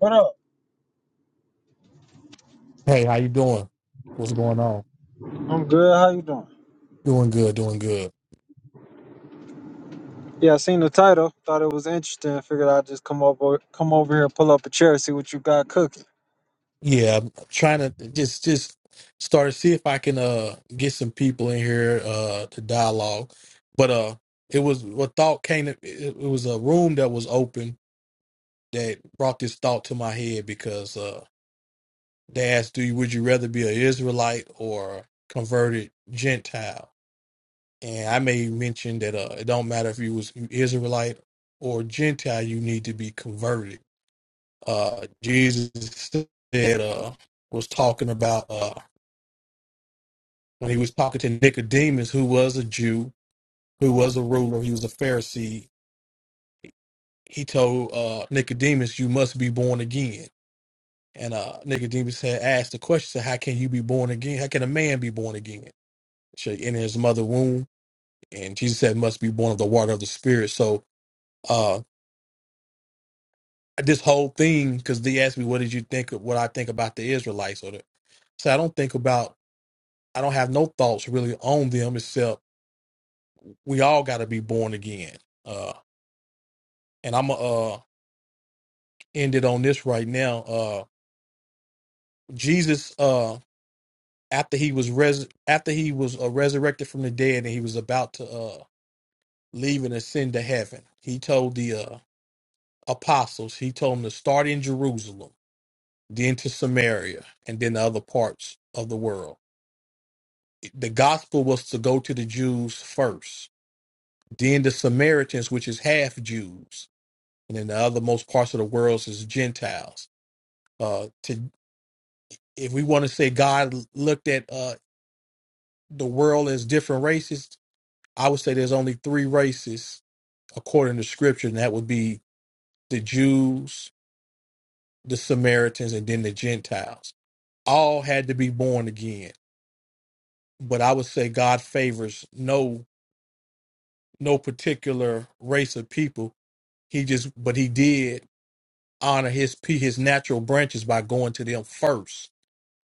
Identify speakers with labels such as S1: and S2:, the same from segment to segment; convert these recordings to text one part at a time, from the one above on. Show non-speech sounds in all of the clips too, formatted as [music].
S1: What up?
S2: Hey, how you doing? What's going on?
S1: I'm good. How you doing?
S2: Doing good, doing good.
S1: Yeah, I seen the title. Thought it was interesting. Figured I'd just come over, come over here, pull up a chair, see what you got cooking.
S2: Yeah, I'm trying to just just start to see if I can uh get some people in here uh to dialogue. But uh it was what thought came to, it, it was a room that was open that brought this thought to my head because uh they asked do you would you rather be an Israelite or a converted Gentile? And I may mention that uh it don't matter if you was Israelite or Gentile, you need to be converted uh, Jesus said uh, was talking about uh, when he was talking to Nicodemus, who was a Jew, who was a ruler, he was a Pharisee. He told uh, Nicodemus, "You must be born again." And uh, Nicodemus had asked the question, "How can you be born again? How can a man be born again? Should he enter his mother womb?" And Jesus said, "Must be born of the water of the Spirit." So uh, this whole thing, because they asked me, "What did you think of what I think about the Israelites?" Or the, so I don't think about I don't have no thoughts really on them except we all got to be born again. Uh, and I'm uh end it on this right now. Uh, Jesus, uh, after he was res after he was uh, resurrected from the dead and he was about to uh leave and ascend to heaven, he told the uh apostles he told them to start in Jerusalem, then to Samaria, and then the other parts of the world. The gospel was to go to the Jews first, then the Samaritans, which is half Jews and in the other most parts of the world is Gentiles. Uh, to if we want to say God looked at uh, the world as different races, I would say there's only three races according to Scripture, and that would be the Jews, the Samaritans, and then the Gentiles. All had to be born again, but I would say God favors no no particular race of people. He just, but he did honor his pe- his natural branches by going to them first.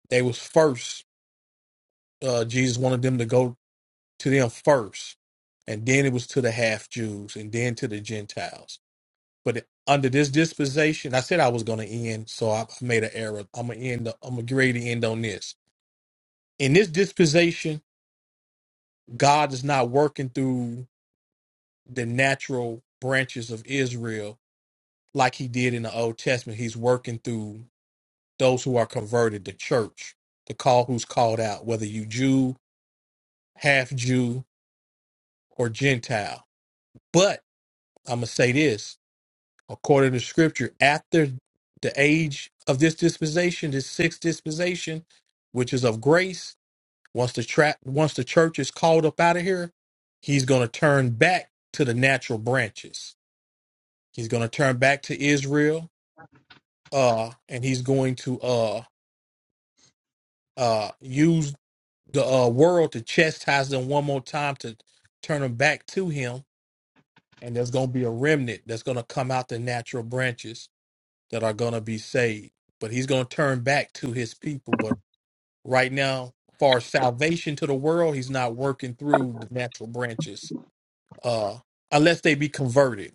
S2: They was first uh, Jesus wanted them to go to them first, and then it was to the half Jews, and then to the Gentiles. But under this disposition, I said I was going to end, so I made an error. I'm gonna end. I'm gonna get ready to end on this. In this disposition, God is not working through the natural branches of Israel like He did in the Old Testament. He's working through those who are converted, the church, the call who's called out, whether you Jew, half Jew, or Gentile. But I'm gonna say this according to scripture, after the age of this dispensation, this sixth dispensation, which is of grace, once the tra- once the church is called up out of here, he's gonna turn back to the natural branches. He's gonna turn back to Israel, uh, and he's going to uh uh use the uh, world to chastise them one more time to turn them back to him. And there's gonna be a remnant that's gonna come out the natural branches that are going to be saved. But he's going to turn back to his people. But right now, for salvation to the world, he's not working through the natural branches uh, unless they be converted.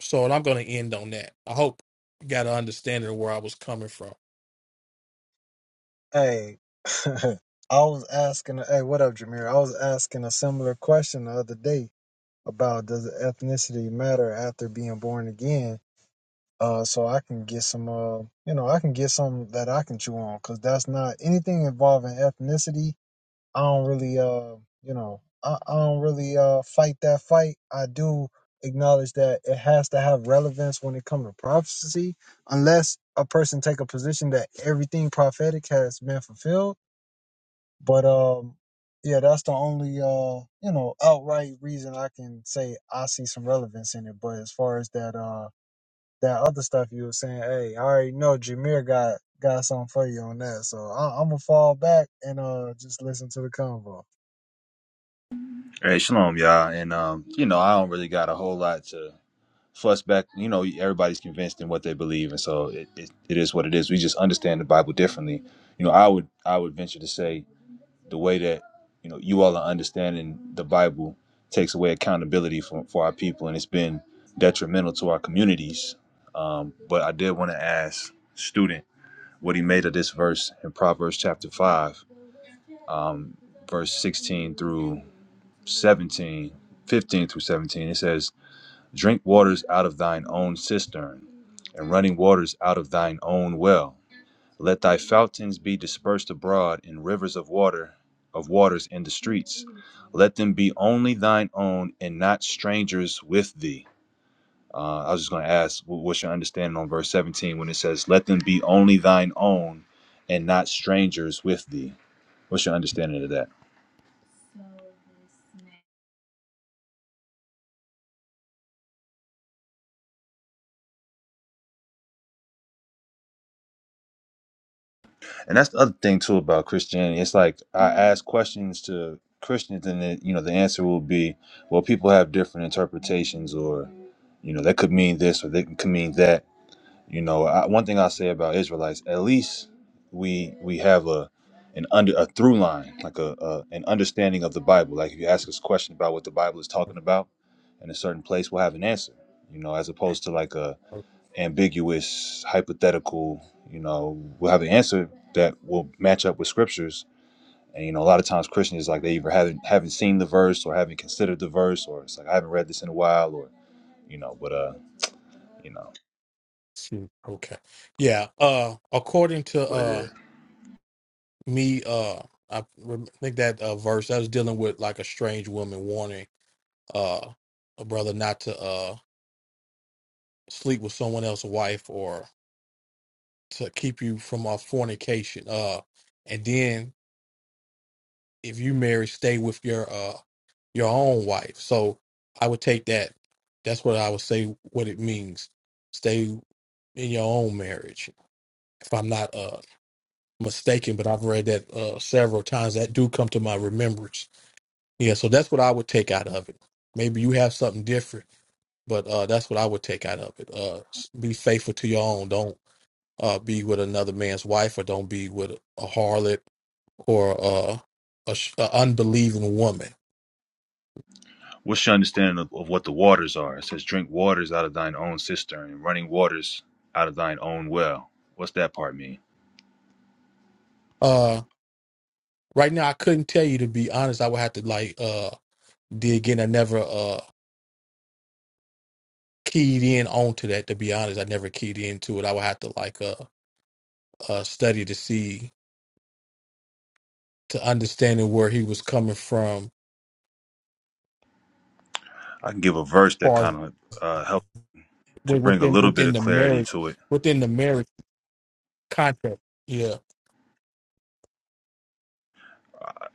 S2: So and I'm going to end on that. I hope you got an understanding of where I was coming from.
S1: Hey, [laughs] I was asking. Hey, what up, Jameer? I was asking a similar question the other day about does ethnicity matter after being born again? Uh, so I can get some. Uh, you know, I can get some that I can chew on because that's not anything involving ethnicity. I don't really uh you know I, I don't really uh fight that fight. I do acknowledge that it has to have relevance when it comes to prophecy, unless a person take a position that everything prophetic has been fulfilled. But um yeah, that's the only uh you know outright reason I can say I see some relevance in it. But as far as that uh that other stuff you were saying, hey, I already know Jameer got got something for you on that, so I, I'm gonna fall back and uh just listen to the convo.
S3: Hey, shalom, y'all. And, um, you know, I don't really got a whole lot to fuss back. You know, everybody's convinced in what they believe. And so it, it, it is what it is. We just understand the Bible differently. You know, I would I would venture to say the way that, you know, you all are understanding the Bible takes away accountability for, for our people. And it's been detrimental to our communities. Um, but I did want to ask student what he made of this verse in Proverbs chapter 5, um, verse 16 through 17, 15 through 17, it says, Drink waters out of thine own cistern, and running waters out of thine own well. Let thy fountains be dispersed abroad in rivers of water, of waters in the streets. Let them be only thine own and not strangers with thee. Uh, I was just going to ask, what's your understanding on verse 17 when it says, Let them be only thine own and not strangers with thee? What's your understanding of that? And that's the other thing too about Christianity. It's like I ask questions to Christians, and then you know the answer will be, well, people have different interpretations, or you know that could mean this, or they could mean that. You know, I, one thing I will say about Israelites, at least we we have a an under a through line, like a, a an understanding of the Bible. Like if you ask us a question about what the Bible is talking about in a certain place, we'll have an answer. You know, as opposed to like a
S2: Oh,
S3: ambiguous, hypothetical. You know, we'll have an answer that will match up with scriptures. And you know, a lot of times Christians like they either haven't haven't seen the verse or haven't considered the verse, or it's like I haven't read this in a while, or you know, but uh, you know
S2: shoot. Okay. Yeah. Uh, according to
S3: what it
S2: uh,
S3: is.
S2: me, uh, I rem- think that uh, verse I was dealing with like a strange woman warning uh, a brother not to uh, sleep with someone else's wife or. to keep you from uh, fornication. Uh, and then if you marry, stay with your uh your own wife. So I would take that. That's what I would say. What it means, stay in your own marriage. If I'm not uh mistaken, but I've read that uh several times. That do come to my remembrance. Yeah. So that's what I would take out of it. Maybe you have something different, but uh that's what I would take out of it. Uh, s- be faithful to your own. Don't uh be with another man's wife, or don't be with a harlot or uh, a, sh- a unbelieving woman.
S3: What's your understanding of, of what the waters are? It says, "Drink waters out of thine own cistern, and running waters out of thine own well." What's that part mean?
S2: Uh, right now, I couldn't tell you to be honest. I would have to like uh, dig in. I never uh, keyed in onto that. To be honest, I never keyed into it. I would have to like uh, uh, study to see to understanding where he was coming from,
S3: I can give a verse that
S2: far
S3: kind
S2: as
S3: of uh, helps to
S2: wi-
S3: bring a
S2: within
S3: little bit
S2: within
S3: of
S2: the
S3: clarity
S2: marriage
S3: to it
S2: within the marriage contract. Yeah,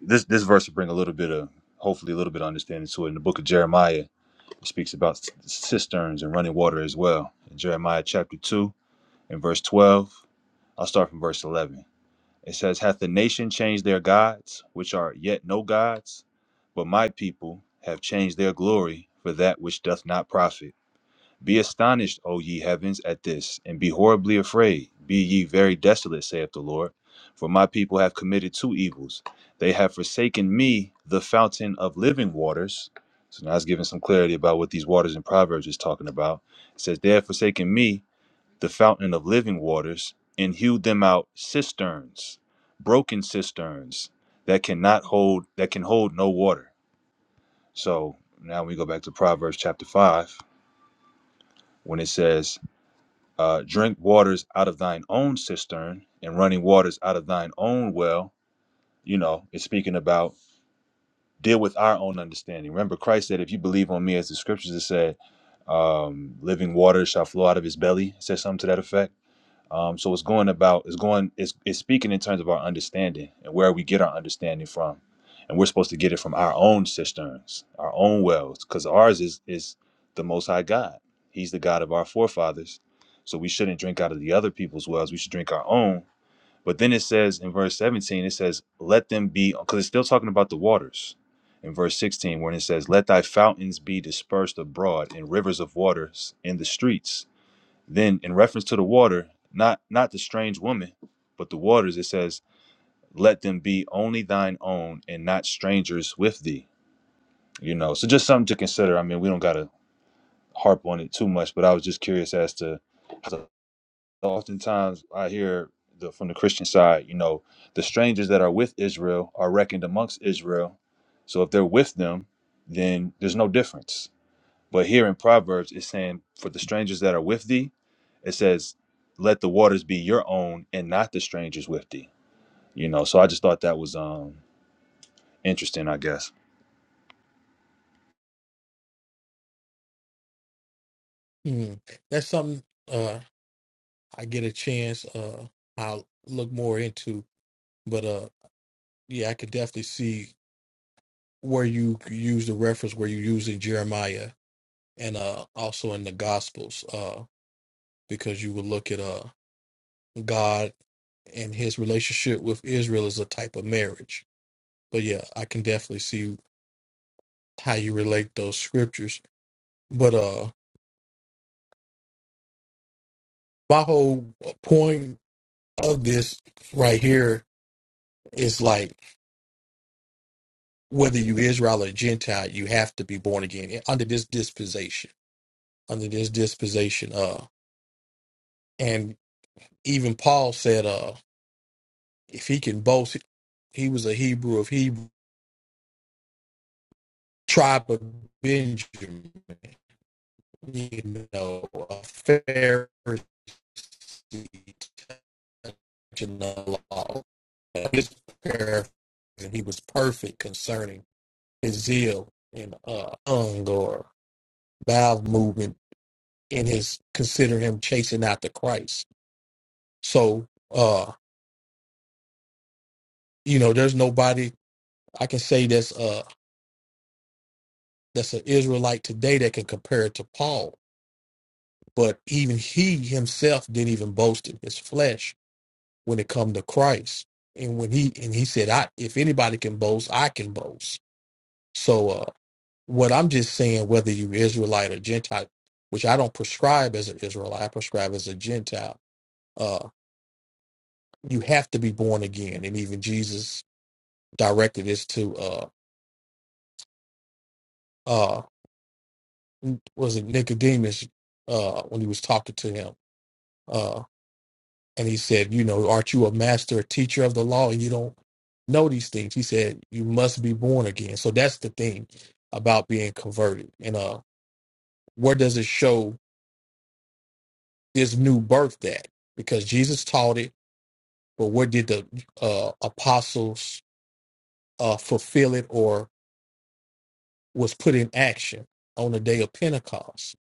S3: this this verse will bring a little bit of hopefully a little bit of understanding to it. In the book of Jeremiah, it speaks about c- cisterns and running water as well. In Jeremiah chapter two and verse twelve, I'll start from verse eleven. It says, "Hath the nation changed their gods, which are yet no gods? But my people have changed their glory for that which doth not profit." Be astonished, O ye heavens, at this, and be horribly afraid. Be ye very desolate, saith the Lord. For my people have committed two evils. They have forsaken me, the fountain of living waters. So now it's giving some clarity about what these waters in Proverbs is talking about. It says, They have forsaken me, the fountain of living waters, and hewed them out cisterns, broken cisterns that cannot hold, that can hold no water. So now we go back to Proverbs chapter 5, when it says, uh, drink waters out of thine own cistern and running waters out of thine own well. You know, it's speaking about deal with our own understanding. Remember, Christ said, If you believe on me, as the scriptures have said, um, living waters shall flow out of his belly. It said something to that effect um, so it's going about it's going it's it's speaking in terms of our understanding and where we get our understanding from, and we're supposed to get it from our own cisterns, our own wells, because ours is is the Most High God. He's the God of our forefathers, so we shouldn't drink out of the other people's wells. We should drink our own. But then it says in verse 17, it says, "Let them be," because it's still talking about the waters. In verse 16, when it says, "Let thy fountains be dispersed abroad, and rivers of waters in the streets." Then in reference to the water, not not the strange woman, but the waters, it says, "Let them be only thine own, and not strangers with thee." You know, so just something to consider. I mean, we don't gotta harp on it too much, but I was just curious as to. to- Oftentimes, I hear the, from the Christian side, you know, the strangers that are with Israel are reckoned amongst Israel. So if they're with them, then there's no difference. But here in Proverbs, it's saying, "For the strangers that are with thee." It says, "Let the waters be your own, and not the strangers with thee." You know, so I just thought that was um interesting, I guess.
S2: Hmm. that's something uh, I get a chance. Uh, I'll look more into, but uh, yeah, I could definitely see where you use the reference where you use in Jeremiah and uh also in the Gospels, uh, because you would look at uh God and his relationship with Israel as a type of marriage. But yeah, I can definitely see how you relate those scriptures. But uh my whole point of this right here is like whether you Israel or Gentile, you have to be born again eh, under this dispensation. Under this dispensation, uh and even Paul said, uh, If he can boast, he was a Hebrew of Hebrew tribe of Benjamin. You know, a Pharisee, touching the law. His prayer, and he was perfect concerning his zeal and uh, tongue or mouth movement in his consider him chasing after Christ. So, uh, you know, there's nobody I can say that's uh that's an Israelite today that can compare it to Paul But even he himself didn't even boast in his flesh when it come to Christ. And when he and he said, I if anybody can boast, I can boast. So uh what I'm just saying, whether you Israelite or Gentile, which I don't prescribe as an Israelite, I prescribe as a Gentile, uh, you have to be born again. And even Jesus directed this to uh uh was it Nicodemus uh when he was talking to him. uh, And he said, You know, aren't you a master, a teacher of the law, and you don't know these things? He said, You must be born again. So that's the thing about being converted. And uh, where does it show this new birth at? Because Jesus taught it, but where did the uh, apostles uh, fulfill it or was put in action on the day of Pentecost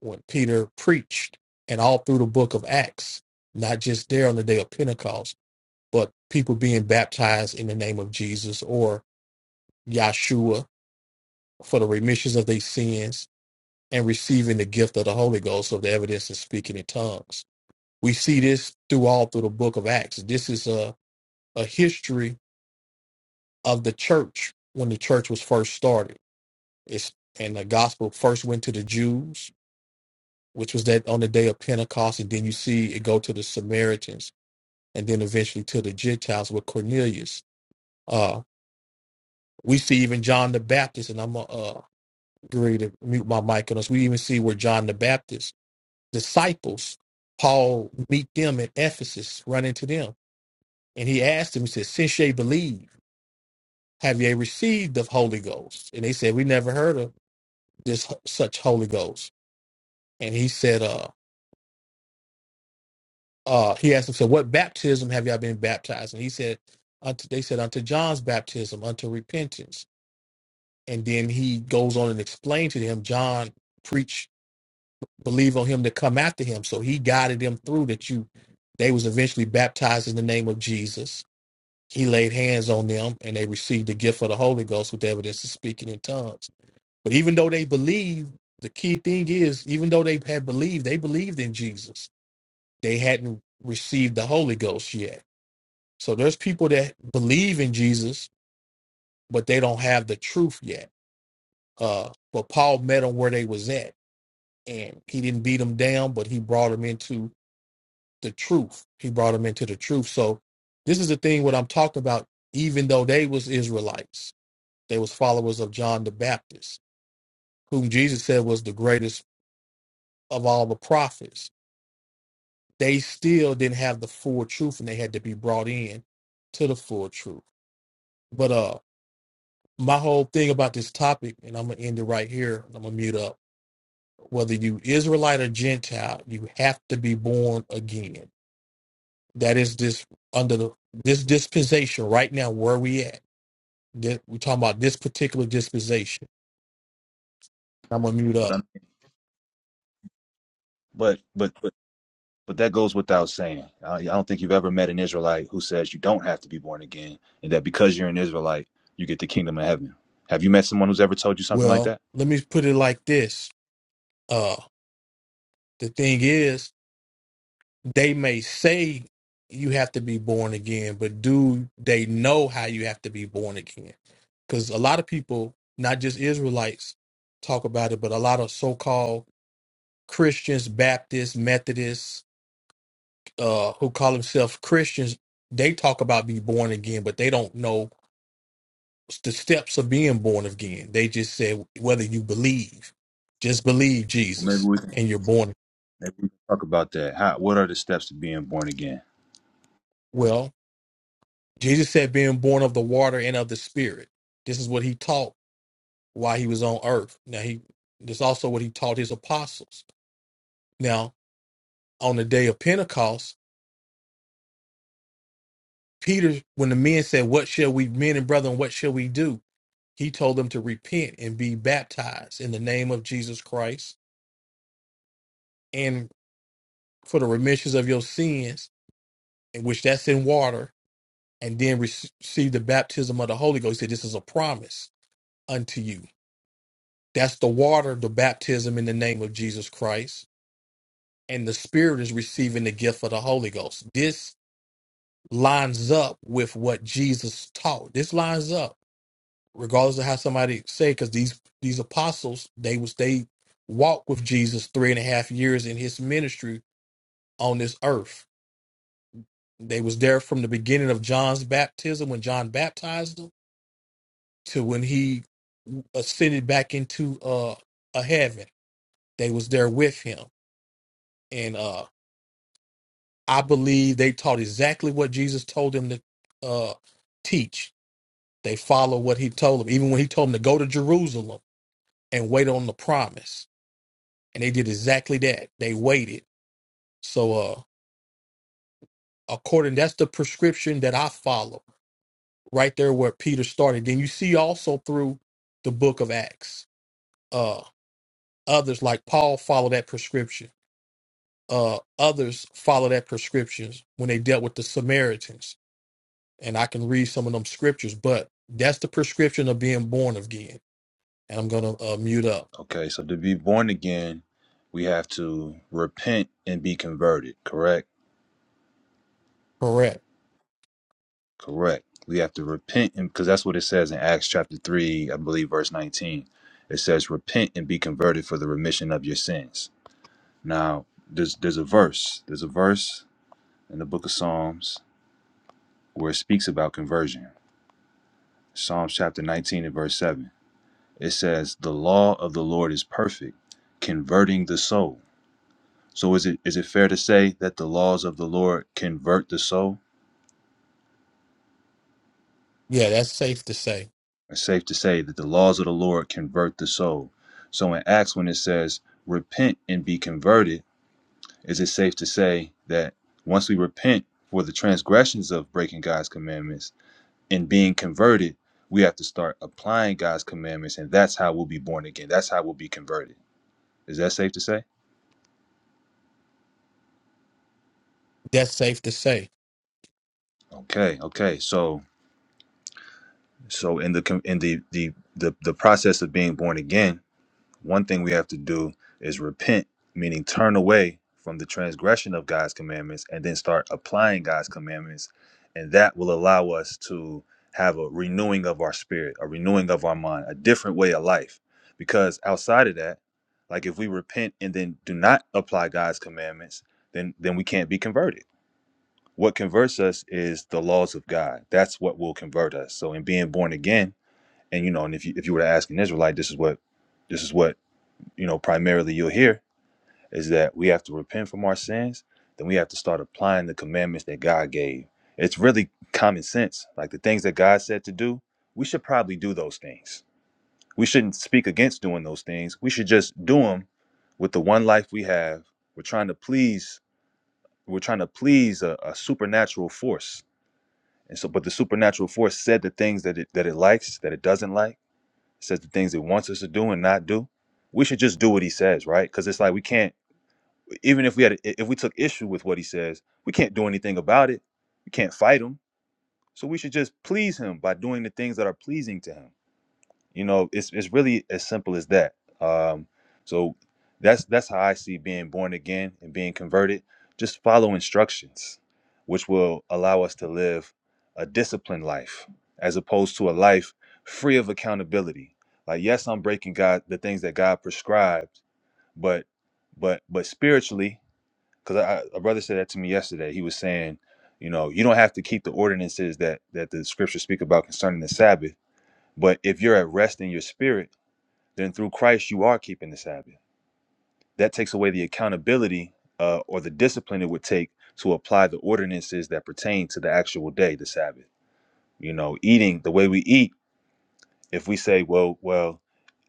S2: when Peter preached and all through the book of Acts, not just there on the day of Pentecost? but people being baptized in the name of Jesus or Yahshua for the remissions of their sins and receiving the gift of the Holy Ghost of the evidence of speaking in tongues. We see this through all through the book of Acts. This is a, a history of the church when the church was first started. It's and the gospel first went to the Jews, which was that on the day of Pentecost, and then you see it go to the Samaritans and then eventually to the Gentiles with Cornelius. Uh we see even John the Baptist, and I'm uh, ready to mute my mic on us. We even see where John the Baptist disciples, Paul meet them in Ephesus, run into them. And he asked them, he said, Since ye believe, have ye received the Holy Ghost? And they said, We never heard of this such Holy Ghost. And he said, uh, uh, he asked them, so what baptism have y'all been baptized? And he said, unto, they said, unto John's baptism, unto repentance. And then he goes on and explains to them, John preached believe on him to come after him. So he guided them through that you they was eventually baptized in the name of Jesus. He laid hands on them and they received the gift of the Holy Ghost with evidence of speaking in tongues. But even though they believed, the key thing is even though they had believed, they believed in Jesus. They hadn't received the Holy Ghost yet. So there's people that believe in Jesus, but they don't have the truth yet. Uh, but Paul met them where they was at, and he didn't beat them down, but he brought them into the truth. He brought them into the truth. So this is the thing what I'm talking about, even though they was Israelites, they was followers of John the Baptist, whom Jesus said was the greatest of all the prophets. They still didn't have the full truth and they had to be brought in to the full truth. But uh my whole thing about this topic, and I'm gonna end it right here, I'm gonna mute up. Whether you Israelite or Gentile, you have to be born again. That is this under the this dispensation right now where we at That we're talking about this particular dispensation. I'm gonna mute
S3: But
S2: up.
S3: I, but but but but that goes without saying. I, I don't think you've ever met an Israelite who says you don't have to be born again, and that because you're an Israelite, you get the kingdom of heaven. Have you met someone who's ever told you something like
S2: Well,
S3: that?
S2: let me put it like this. Uh the thing is, they may say you have to be born again, but do they know how you have to be born again? Because a lot of people, not just Israelites, talk about it, but a lot of so-called Christians, Baptists, Methodists, uh, who call themselves Christians, they talk about be born again, but they don't know. the steps of being born again. They just said whether you believe, just believe
S3: Well, maybe
S2: Jesus
S3: we can
S2: and you're born.
S3: maybe we can talk about that. How, what are the steps to being born again?
S2: Well, Jesus said being born of the water and of the spirit. This is what he taught while he was on earth. Now he this is also what he taught his apostles. Now, on the day of Pentecost, Peter, when the men said, What shall we, men and brethren, what shall we do? He told them to repent and be baptized in the name of Jesus Christ and for the remissions of your sins, and which that's in water, and then receive the baptism of the Holy Ghost. He said, This is a promise unto you. That's the water, the baptism in the name of Jesus Christ. And the Spirit is receiving the gift of the Holy Ghost. This lines up with what Jesus taught. This lines up, regardless of how somebody say, because these these apostles, they was they walked with Jesus three and a half years in his ministry on this earth. They was there from the beginning of John's baptism when John baptized them to when he ascended back into uh a heaven. They was there with him. And uh I believe they taught exactly what Jesus told them to uh teach. They followed what he told them, even when he told them to go to Jerusalem and wait on the promise. And they did exactly that. They waited. So uh according that's the prescription that I follow right there where Peter started. Then you see also through the book of Acts, uh others like Paul follow that prescription uh, others follow that prescriptions when they dealt with the Samaritans. And I can read some of them scriptures, but that's the prescription of being born again. And I'm going to uh, mute up.
S3: Okay, so to be born again, we have to repent and be converted, correct?
S2: Correct.
S3: Correct. We have to repent and because that's what it says in Acts chapter 3, I believe verse 19. It says repent and be converted for the remission of your sins. Now, there's there's a verse. There's a verse in the book of Psalms where it speaks about conversion. Psalms chapter 19 and verse 7. It says, "The law of the Lord is perfect, converting the soul." So is it is it fair to say that the laws of the Lord convert the soul?
S2: Yeah, that's safe to say.
S3: It's safe to say that the laws of the Lord convert the soul. So in Acts, when it says repent and be converted, is it safe to say that once we repent for the transgressions of breaking God's commandments and being converted, we have to start applying God's commandments, and that's how we'll be born again. That's how we'll be converted. Is that safe to say?
S2: That's safe to say.
S3: Okay, okay. So so in the in the the the, the process of being born again one thing we have to do is repent, meaning turn away from the transgression of God's commandments and then start applying God's commandments. And that will allow us to have a renewing of our spirit, a renewing of our mind, a different way of life. Because outside of that, like if we repent and then do not apply God's commandments, then then we can't be converted. What converts us is the laws of God. That's what will convert us. So in being born again, and you know, and if you if you were to ask an Israelite, this is what this is what you know, primarily you'll hear is that we have to repent from our sins, then we have to start applying the commandments that God gave. It's really common sense. Like the things that God said to do, we should probably do those things. We shouldn't speak against doing those things. We should just do them with the one life we have. We're trying to please, we're trying to please a, a supernatural force. And so, but the supernatural force said the things that it, that it likes, that it doesn't like, says the things it wants us to do and not do. We should just do what he says, right? Because it's like we can't even if we had if we took issue with what he says we can't do anything about it we can't fight him so we should just please him by doing the things that are pleasing to him you know it's it's really as simple as that um so that's that's how i see being born again and being converted just follow instructions which will allow us to live a disciplined life as opposed to a life free of accountability like yes i'm breaking god the things that god prescribed but but but spiritually because a brother said that to me yesterday. He was saying, you know, you don't have to keep the ordinances that that the scriptures speak about concerning the Sabbath, but if you're at rest in your spirit, then through Christ you are keeping the Sabbath. That takes away the accountability uh, or the discipline it would take to apply the ordinances that pertain to the actual day, the Sabbath. You know, eating the way we eat. If we say, well, well,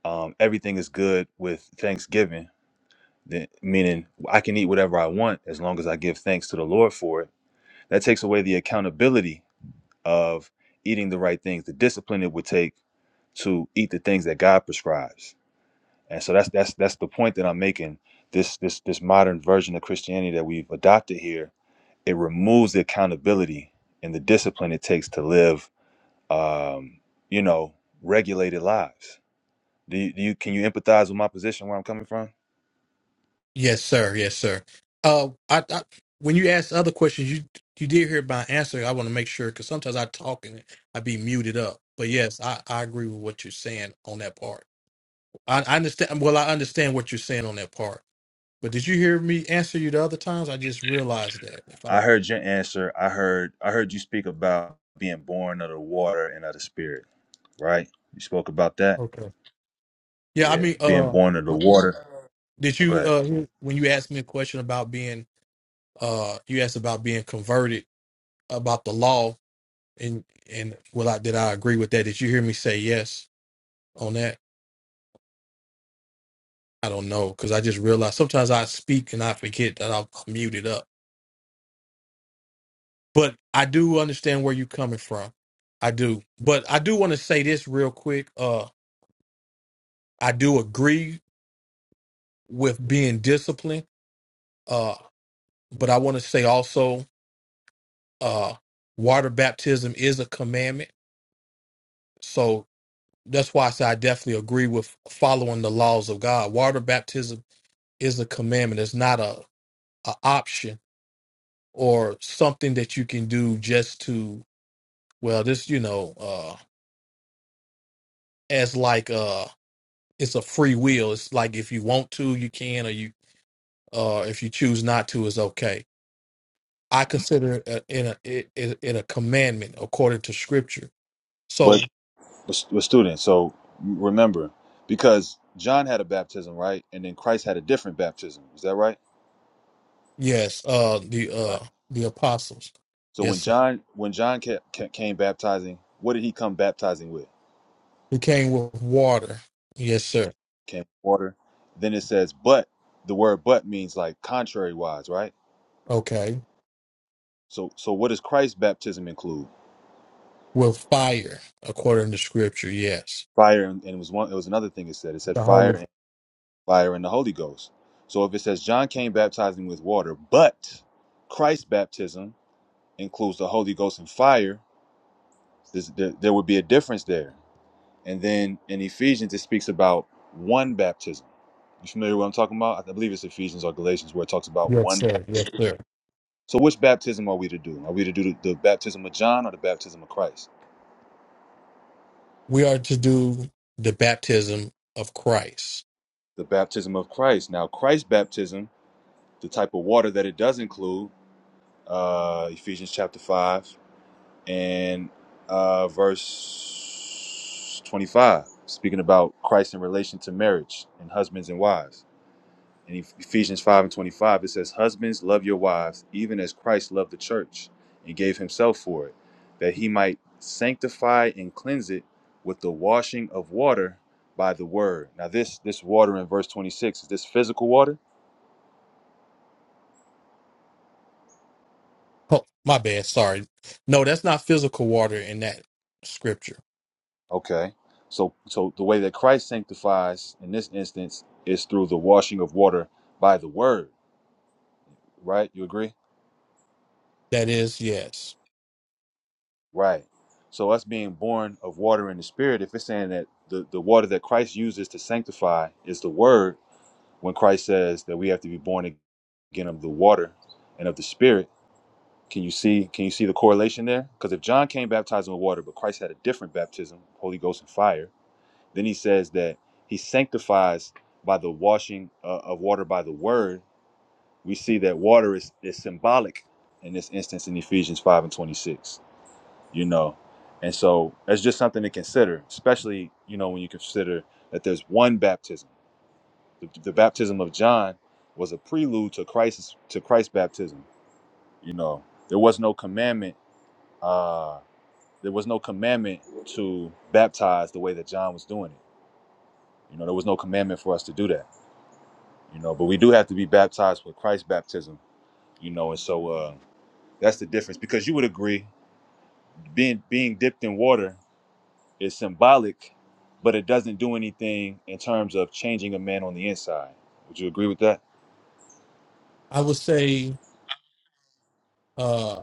S3: um, everything is good with Thanksgiving, then meaning I can eat whatever I want as long as I give thanks to the Lord for it That takes away the accountability of eating the right things, the discipline it would take to eat the things that God prescribes. And so that's that's that's the point that I'm making. This this this modern version of Christianity that we've adopted here, it removes the accountability and the discipline it takes to live um, you know, regulated lives. Do you, do you can you empathize with my position where I'm coming from?
S2: Yes, sir. Yes, sir. Uh, I, I when you asked other questions, you you did hear my answer. I want to make sure because sometimes I talk and I be muted up. But yes, I, I agree with what you're saying on that part. I, I understand. Well, I understand what you're saying on that part But did you hear me answer you the other times? I just realized that. If I
S3: I heard your answer. I heard I heard you speak about being born of the water and of the spirit, right? You spoke about that
S2: okay, yeah, I
S3: Yeah,
S2: mean,
S3: being
S2: uh,
S3: born of the
S2: w-
S3: water.
S2: did you
S3: Okay.
S2: uh when you asked me a question about being uh you asked about being converted about the law and and well, I did I agree with that? Did you hear me say yes on that? I don't know because I just realized sometimes I speak and I forget that I'm I'm muted up. But I do understand where you're coming from. I do, but I do want to say this real quick. Uh, I do agree with being disciplined. uh, but I want to say also, uh, water baptism is a commandment. So that's why I say I definitely agree with following the laws of God. Water baptism is a commandment. It's not a, a option or something that you can do just to well, this you know, uh, as like uh, it's a free will. It's like if you want to, you can, or you uh, if you choose not to, it's okay. I consider it a, in a it, it, it a commandment according to Scripture. So
S3: But but, but students, so remember, because John had a baptism, right? And then Christ had a different baptism. Is that right?
S2: Yes, uh, the
S3: Right.
S2: uh, the apostles.
S3: So
S2: Yes,
S3: when
S2: sir.
S3: John when John ca- ca- came baptizing, what did he come baptizing with?
S2: Who came with water. Yes, sir.
S3: Came water. Then it says, but the word but means like contrary wise, right?
S2: Okay.
S3: So so what does Christ's baptism include?
S2: With fire, according to scripture. Yes.
S3: Fire and, and it was one. It was another thing it said. It said
S2: The Holy.
S3: fire fire and the Holy Ghost. So if it says John came baptizing with water, but Christ's baptism includes the Holy Ghost and fire, this, there, there would be a difference there. And then in Ephesians, it speaks about one baptism. You familiar with what I'm talking about? I believe it's Ephesians or Galatians where it talks about
S2: Yes,
S3: one. bap-
S2: sir. Yes, sir.
S3: So which baptism are we to do? Are we to do the, the baptism of John or the baptism of Christ?
S2: We are to do the baptism of Christ.
S3: The baptism of Christ. Now, Christ's baptism, the type of water that it does include, uh, Ephesians chapter 5 and uh, verse 25, speaking about Christ in relation to marriage and husbands and wives. In Ephesians 5 and 25, it says, Husbands, love your wives, even as Christ loved the church and gave himself for it, that he might sanctify and cleanse it with the washing of water by the word. Now, this this water in verse 26, is this physical water?
S2: Oh, my bad. Sorry. No, that's not physical water in that scripture.
S3: Okay. So so the way that Christ sanctifies in this instance is through the washing of water by the word right? You agree?
S2: That is yes.
S3: Right. So us being born of water and the spirit, if it's saying that the, the water that Christ uses to sanctify is the word, when Christ says that we have to be born again of the water and of the spirit, can you see can you see the correlation there? Because if John came baptizing with water, but Christ had a different baptism, Holy Ghost and fire, then he says that he sanctifies by the washing uh, of water by the word. We see that water is, is symbolic in this instance in Ephesians 5 and 26. you know and so that's just something to consider especially you know when you consider that there's one baptism the, the baptism of john was a prelude to Christ's to christ's baptism you know there was no commandment uh there was no commandment to baptize the way that john was doing it you know there was no commandment for us to do that you know but we do have to be baptized with christ's baptism you know and so uh that's the difference because you would agree being being dipped in water It's symbolic, but it doesn't do anything in terms of changing a man on the inside. Would you agree with that?
S2: I would say uh,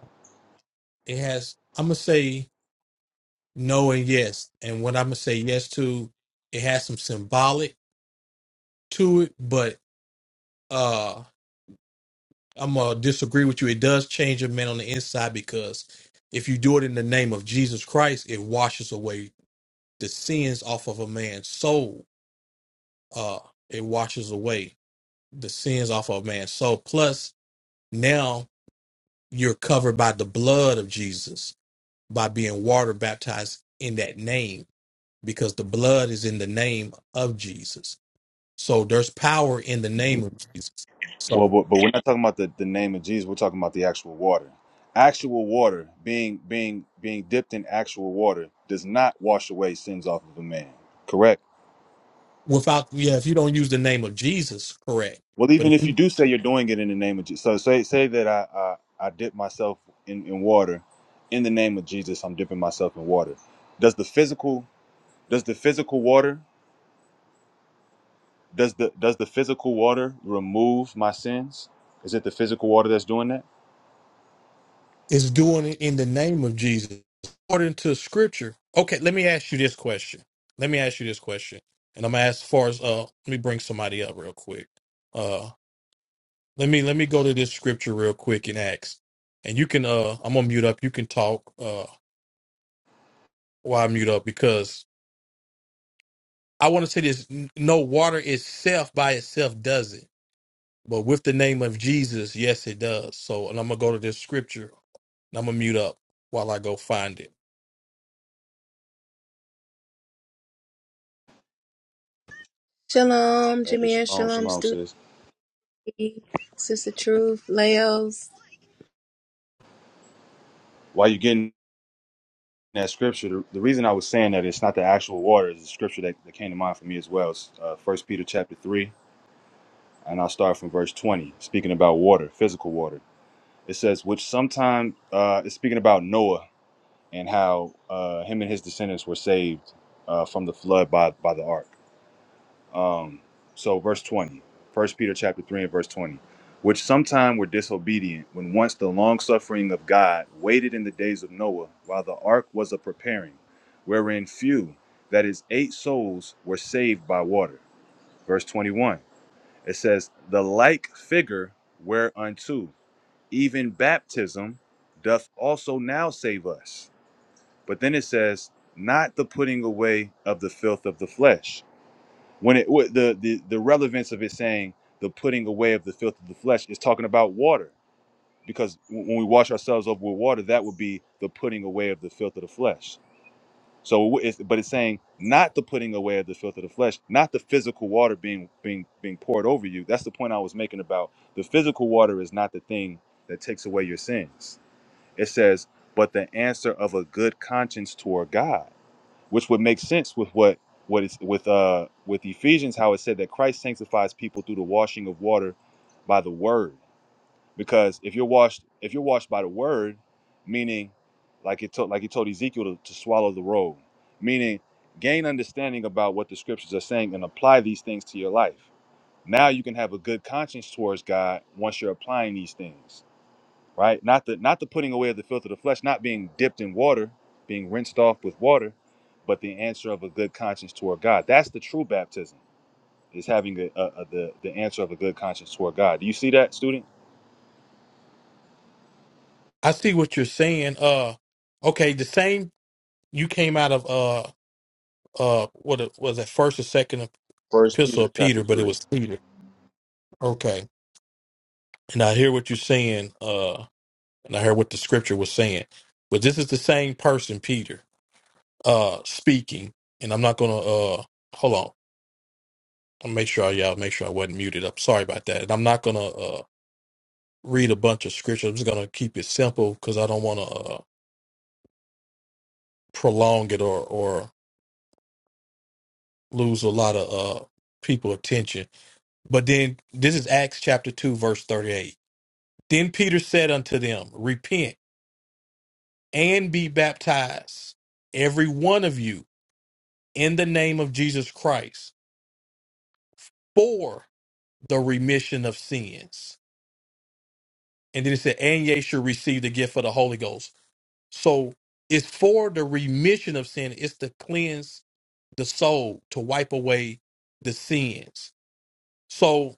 S2: it has. I'm gonna say no and yes. And what I'm gonna say yes to, it has some symbolic to it, but uh I'm gonna disagree with you. It does change a man on the inside because if you do it in the name of Jesus Christ, it washes away the sins off of a man's soul. Uh it washes away the sins off of a man's soul. Plus, now you're covered by the blood of Jesus by being water baptized in that name because the blood is in the name of Jesus. So there's power in the name of Jesus.
S3: Well,
S2: So
S3: but, but we're not talking about the, the name of Jesus. We're talking about the actual water. Actual water being being being dipped in actual water does not wash away sins off of a man. Correct.
S2: without yeah if you don't use the name of jesus correct
S3: Well,
S2: but
S3: even
S2: if
S3: if you
S2: you-
S3: do say you're doing it in the name of Jesus, so say say that I I, I dip myself in, in water, in the name of Jesus, I'm dipping myself in water. Does the physical does the physical water? Does the does the physical water remove my sins? Is it the physical water that's doing that?
S2: it's doing it in the name of jesus according to scripture okay let me ask you this question let me ask you this question and i'm gonna ask as far as uh let me bring somebody up real quick uh let me let me go to this scripture real quick and ask and you can uh i'm gonna mute up you can talk uh while i mute up because i want to say this n- no water itself by itself does it But with the name of Jesus, yes, it does. So, and I'm gonna go to this scripture. And I'm gonna mute up while I go find it.
S4: Shalom,
S3: Hey,
S4: Jameer.
S3: shalom,
S4: Shalom,
S3: shalom,
S4: Studi.
S3: sis.
S4: Sister Truth, Leos.
S3: While you're getting that scripture, the, the reason I was saying that it's not the actual water is the scripture that, that came to mind for me as well. It's, uh, 1 Peter chapter 3, and I'll start from verse 20, speaking about water, physical water. It says, which sometime uh, is speaking about Noah and how uh, him and his descendants were saved uh, from the flood by, by the ark. Um, so verse 20, First Peter chapter 3 and verse 20, which sometime were disobedient when once the long suffering of God waited in the days of Noah while the ark was a preparing, wherein few, that is eight souls, were saved by water. Verse 21, it says, The like figure whereunto even baptism doth also now save us. But then it says, Not the putting away of the filth of the flesh when it what the, the the relevance of it saying the putting away of the filth of the flesh is talking about water because w- when we wash ourselves over with water that would be the putting away of the filth of the flesh so it's, but it's saying not the putting away of the filth of the flesh not the physical water being being being poured over you that's the point i was making about the physical water is not the thing that takes away your sins it says but the answer of a good conscience toward god which would make sense with what what is with uh with Ephesians how it said that Christ sanctifies people through the washing of water by the word because if you're washed if you're washed by the word meaning like it told like he told Ezekiel to, to swallow the robe meaning gain understanding about what the scriptures are saying and apply these things to your life now you can have a good conscience towards God once you're applying these things right? Not the not the putting away of the filth of the flesh, not being dipped in water, being rinsed off with water, but the answer of a good conscience toward God. That's the true baptism is having a, a, a- the the answer of a good conscience toward God. Do you see that, student?
S2: I see what you're saying. Uh, okay, the same. You came out of uh, uh, what it- was that first or second
S3: First Peter
S2: epistle of
S3: chapter
S2: Peter, but it
S3: three.
S2: was Peter. Okay, and I hear what you're saying. Uh, and I hear what the scripture was saying. But this is the same person, Peter, uh, speaking. And I'm not gonna uh, hold on. I'll make sure I, y'all make sure I wasn't muted. I'm sorry about that. And I'm not gonna uh. read a bunch of scripture. I'm just gonna keep it simple because I don't want to uh, prolong it or or lose a lot of uh, people attention. But then this is Acts chapter two verse thirty eight. Then Peter said unto them, Repent and be baptized, every one of you, in the name of Jesus Christ, for the remission of sins. And then it said, And ye shall receive the gift of the Holy Ghost. So it's for the remission of sin. It's to cleanse the soul to wipe away the sins. So,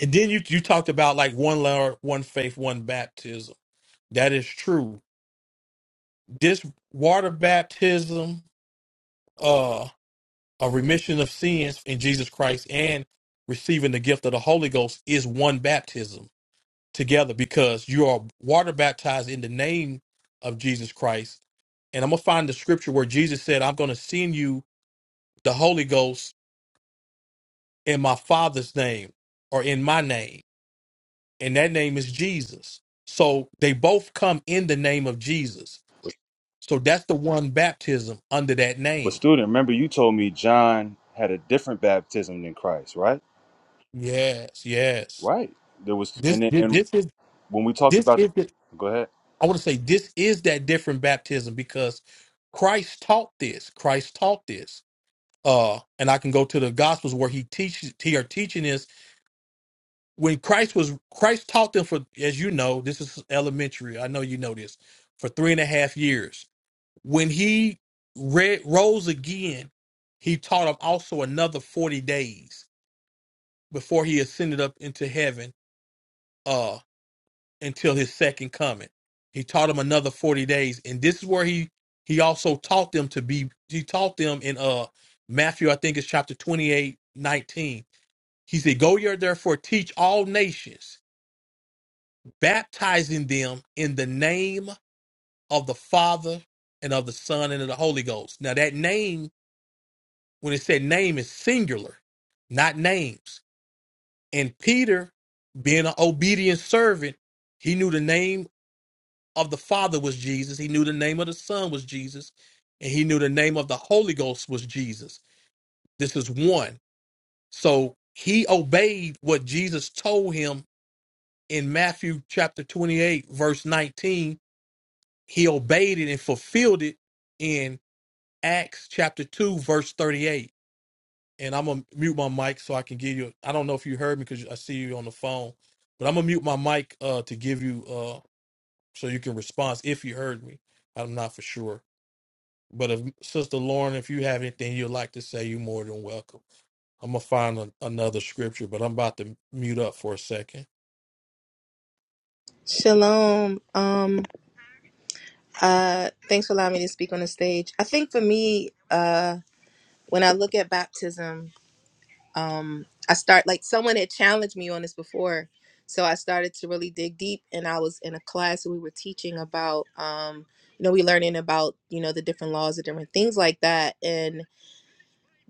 S2: and then you you talked about like one Lord, one faith, one baptism. That is true. This water baptism, uh, a remission of sins in Jesus Christ, and receiving the gift of the Holy Ghost is one baptism together because you are water baptized in the name of Jesus Christ. And I'm gonna find the scripture where Jesus said, "I'm gonna send you the Holy Ghost in my Father's name or in my name." and that name is Jesus. So they both come in the name of Jesus. So that's the one baptism under that
S3: But
S2: name.
S3: student, remember you told me John had a different baptism than Christ, right?
S2: Yes, yes.
S3: Right. There was and
S2: This
S3: then, and
S2: this is
S3: when we talked
S2: this
S3: about,
S2: is the,
S3: go ahead.
S2: I want to say this is that different baptism because Christ taught this. Christ taught this. Uh, and I can go to the Gospels where he teaches he are teaching this. When Christ was Christ taught them for as you know, this is elementary. I know you know this for three and a half years When he re rose again, he taught them also another 40 days before he ascended up into heaven uh, until his second coming. He taught them another 40 days. And this is where he, he also taught them to be, he taught them in uh, Matthew, I think it's chapter 28, 19. He said, Go ye therefore teach all nations, baptizing them in the name of the Father and of the Son and of the Holy Ghost. Now, that name when it said name is singular, not names. And Peter, being an obedient servant, he knew the name of the Father was Jesus. He knew the name of the Son was Jesus. And he knew the name of the Holy Ghost was Jesus. This is one. So he obeyed what Jesus told him in Matthew chapter 28, verse 19. He obeyed it and fulfilled it in Acts chapter 2, verse 38 and I'm gonna mute my mic so I can give you. I don't know if you heard me because I see you on the phone, but I'm gonna mute my mic uh, to give you uh, so you can respond if you heard me. I'm not for sure, but if Sister Lauren, if you have anything you'd like to say, you're more than welcome. I'm gonna find a, another scripture, but I'm about to mute up for a second.
S4: Shalom. Um, uh, thanks for allowing me to speak on the stage. I think for me, uh, when I look at baptism, um, I start like someone had challenged me on this before, so I started to really dig deep. And I was in a class and we were teaching about, um, you know, we learning about you know the different laws and different things like that, and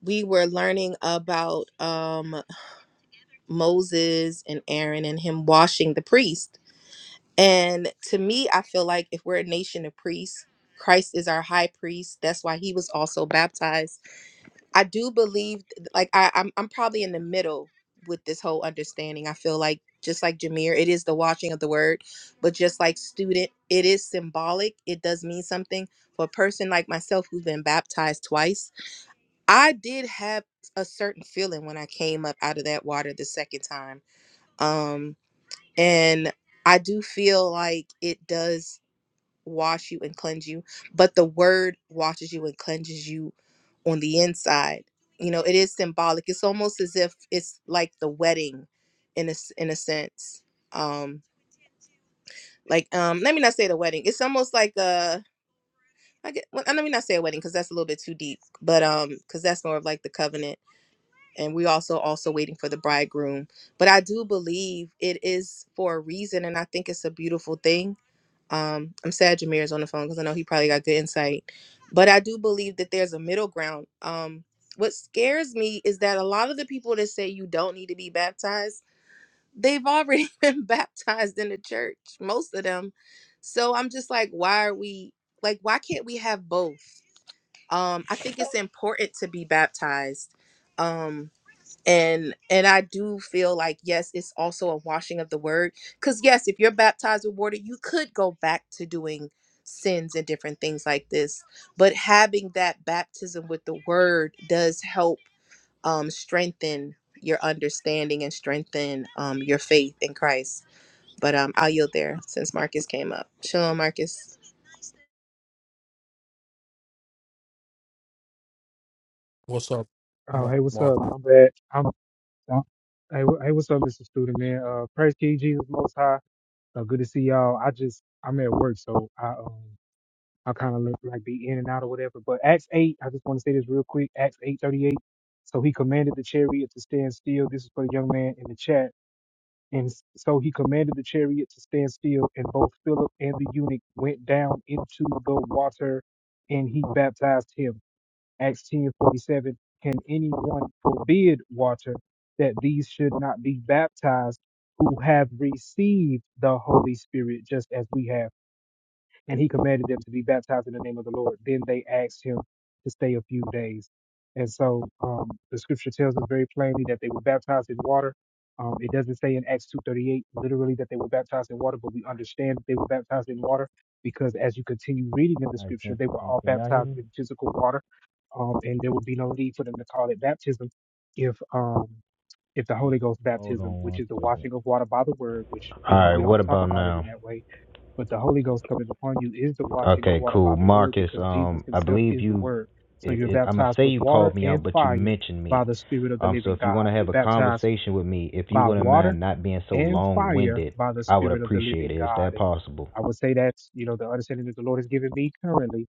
S4: we were learning about. Um, Moses and Aaron and him washing the priest. And to me, I feel like if we're a nation of priests, Christ is our high priest. That's why he was also baptized. I do believe, like I, I'm, I'm probably in the middle with this whole understanding. I feel like just like Jameer, it is the washing of the word, but just like student, it is symbolic. It does mean something for a person like myself who's been baptized twice. I did have a certain feeling when I came up out of that water the second time. Um, and I do feel like it does wash you and cleanse you, but the word washes you and cleanses you on the inside. You know, it is symbolic. It's almost as if it's like the wedding in a s- in a sense. Um like um let me not say the wedding. It's almost like a I get, well, let me not say a wedding because that's a little bit too deep, but um, because that's more of like the covenant, and we also also waiting for the bridegroom. But I do believe it is for a reason, and I think it's a beautiful thing Um, I'm sad Jameer is on the phone because I know he probably got good insight. But I do believe that there's a middle ground. Um, what scares me is that a lot of the people that say you don't need to be baptized, they've already [laughs] been baptized in the church, most of them. So I'm just like, why are we like, why can't we have both? Um, I think it's important to be baptized. Um, and and i do feel like yes it's also a washing of the word because yes if you're baptized with water you could go back to doing sins and different things like this but having that baptism with the word does help um strengthen your understanding and strengthen um your faith in christ but um i'll yield there since marcus came up shalom marcus
S2: What's up,
S5: Oh,
S2: Mar-
S5: hey, what's up?
S2: Marcus?
S5: I'm bad. I'm, I'm hey, wh- hey, what's up, Mr. Student Man? Uh, praise King Jesus Most High. Uh, good to see y'all. I just I'm at work, so I um I kind of look like be in and out or whatever. But Acts eight, I just want to say this real quick. Acts eight thirty eight. So he commanded the chariot to stand still. This is for the young man in the chat. And s- so he commanded the chariot to stand still, and both Philip and the eunuch went down into the water, and he baptized him. Acts ten forty seven. Can anyone forbid water that these should not be baptized who have received the Holy Spirit just as we have? and he commanded them to be baptized in the name of the Lord. Then they asked him to stay a few days. And so um, the scripture tells us very plainly that they were baptized in water. Um, it doesn't say in Acts 2.38 literally that they were baptized in water, but we understand that they were baptized in water because as you continue reading in the
S6: All right,
S5: scripture,
S6: can,
S5: they were
S6: can
S5: all
S6: can y'all hear
S5: baptized
S6: me?
S5: in physical water. Um, and there would be no need for them to call it baptism if um, if the
S6: Hold,
S5: Holy Ghost
S6: hold on
S5: baptism, which
S6: one
S5: is the
S6: second.
S5: washing of water by the word, which, you
S6: All
S5: know,
S6: right,
S5: we
S6: what
S5: don't talk
S6: about
S5: about it in
S6: now?
S5: that way, but the Holy Ghost coming upon you is the washing of
S6: Okay,
S5: water by
S6: cool.
S5: the word
S6: Marcus,
S5: because Jesus
S6: um, I
S5: himself
S6: believe
S5: is the
S6: you,
S5: word. So
S6: it,
S5: you're
S6: it, I'm gonna
S5: baptized
S6: say
S5: with
S6: you
S5: water
S6: called me out,
S5: and
S6: but you
S5: fire
S6: mentioned me.
S5: by the Spirit of the
S6: Um, so
S5: living
S6: if you
S5: God.
S6: want to have
S5: You're
S6: a
S5: baptized
S6: conversation with me, if you
S5: by
S6: wouldn't
S5: water
S6: mind not being so
S5: and fire
S6: long-winded,
S5: by the
S6: I would
S5: Spirit of the
S6: appreciate
S5: living
S6: it. Is
S5: God.
S6: that
S5: And
S6: possible?
S5: I would say that's, you know, the understanding that the Lord has given me currently.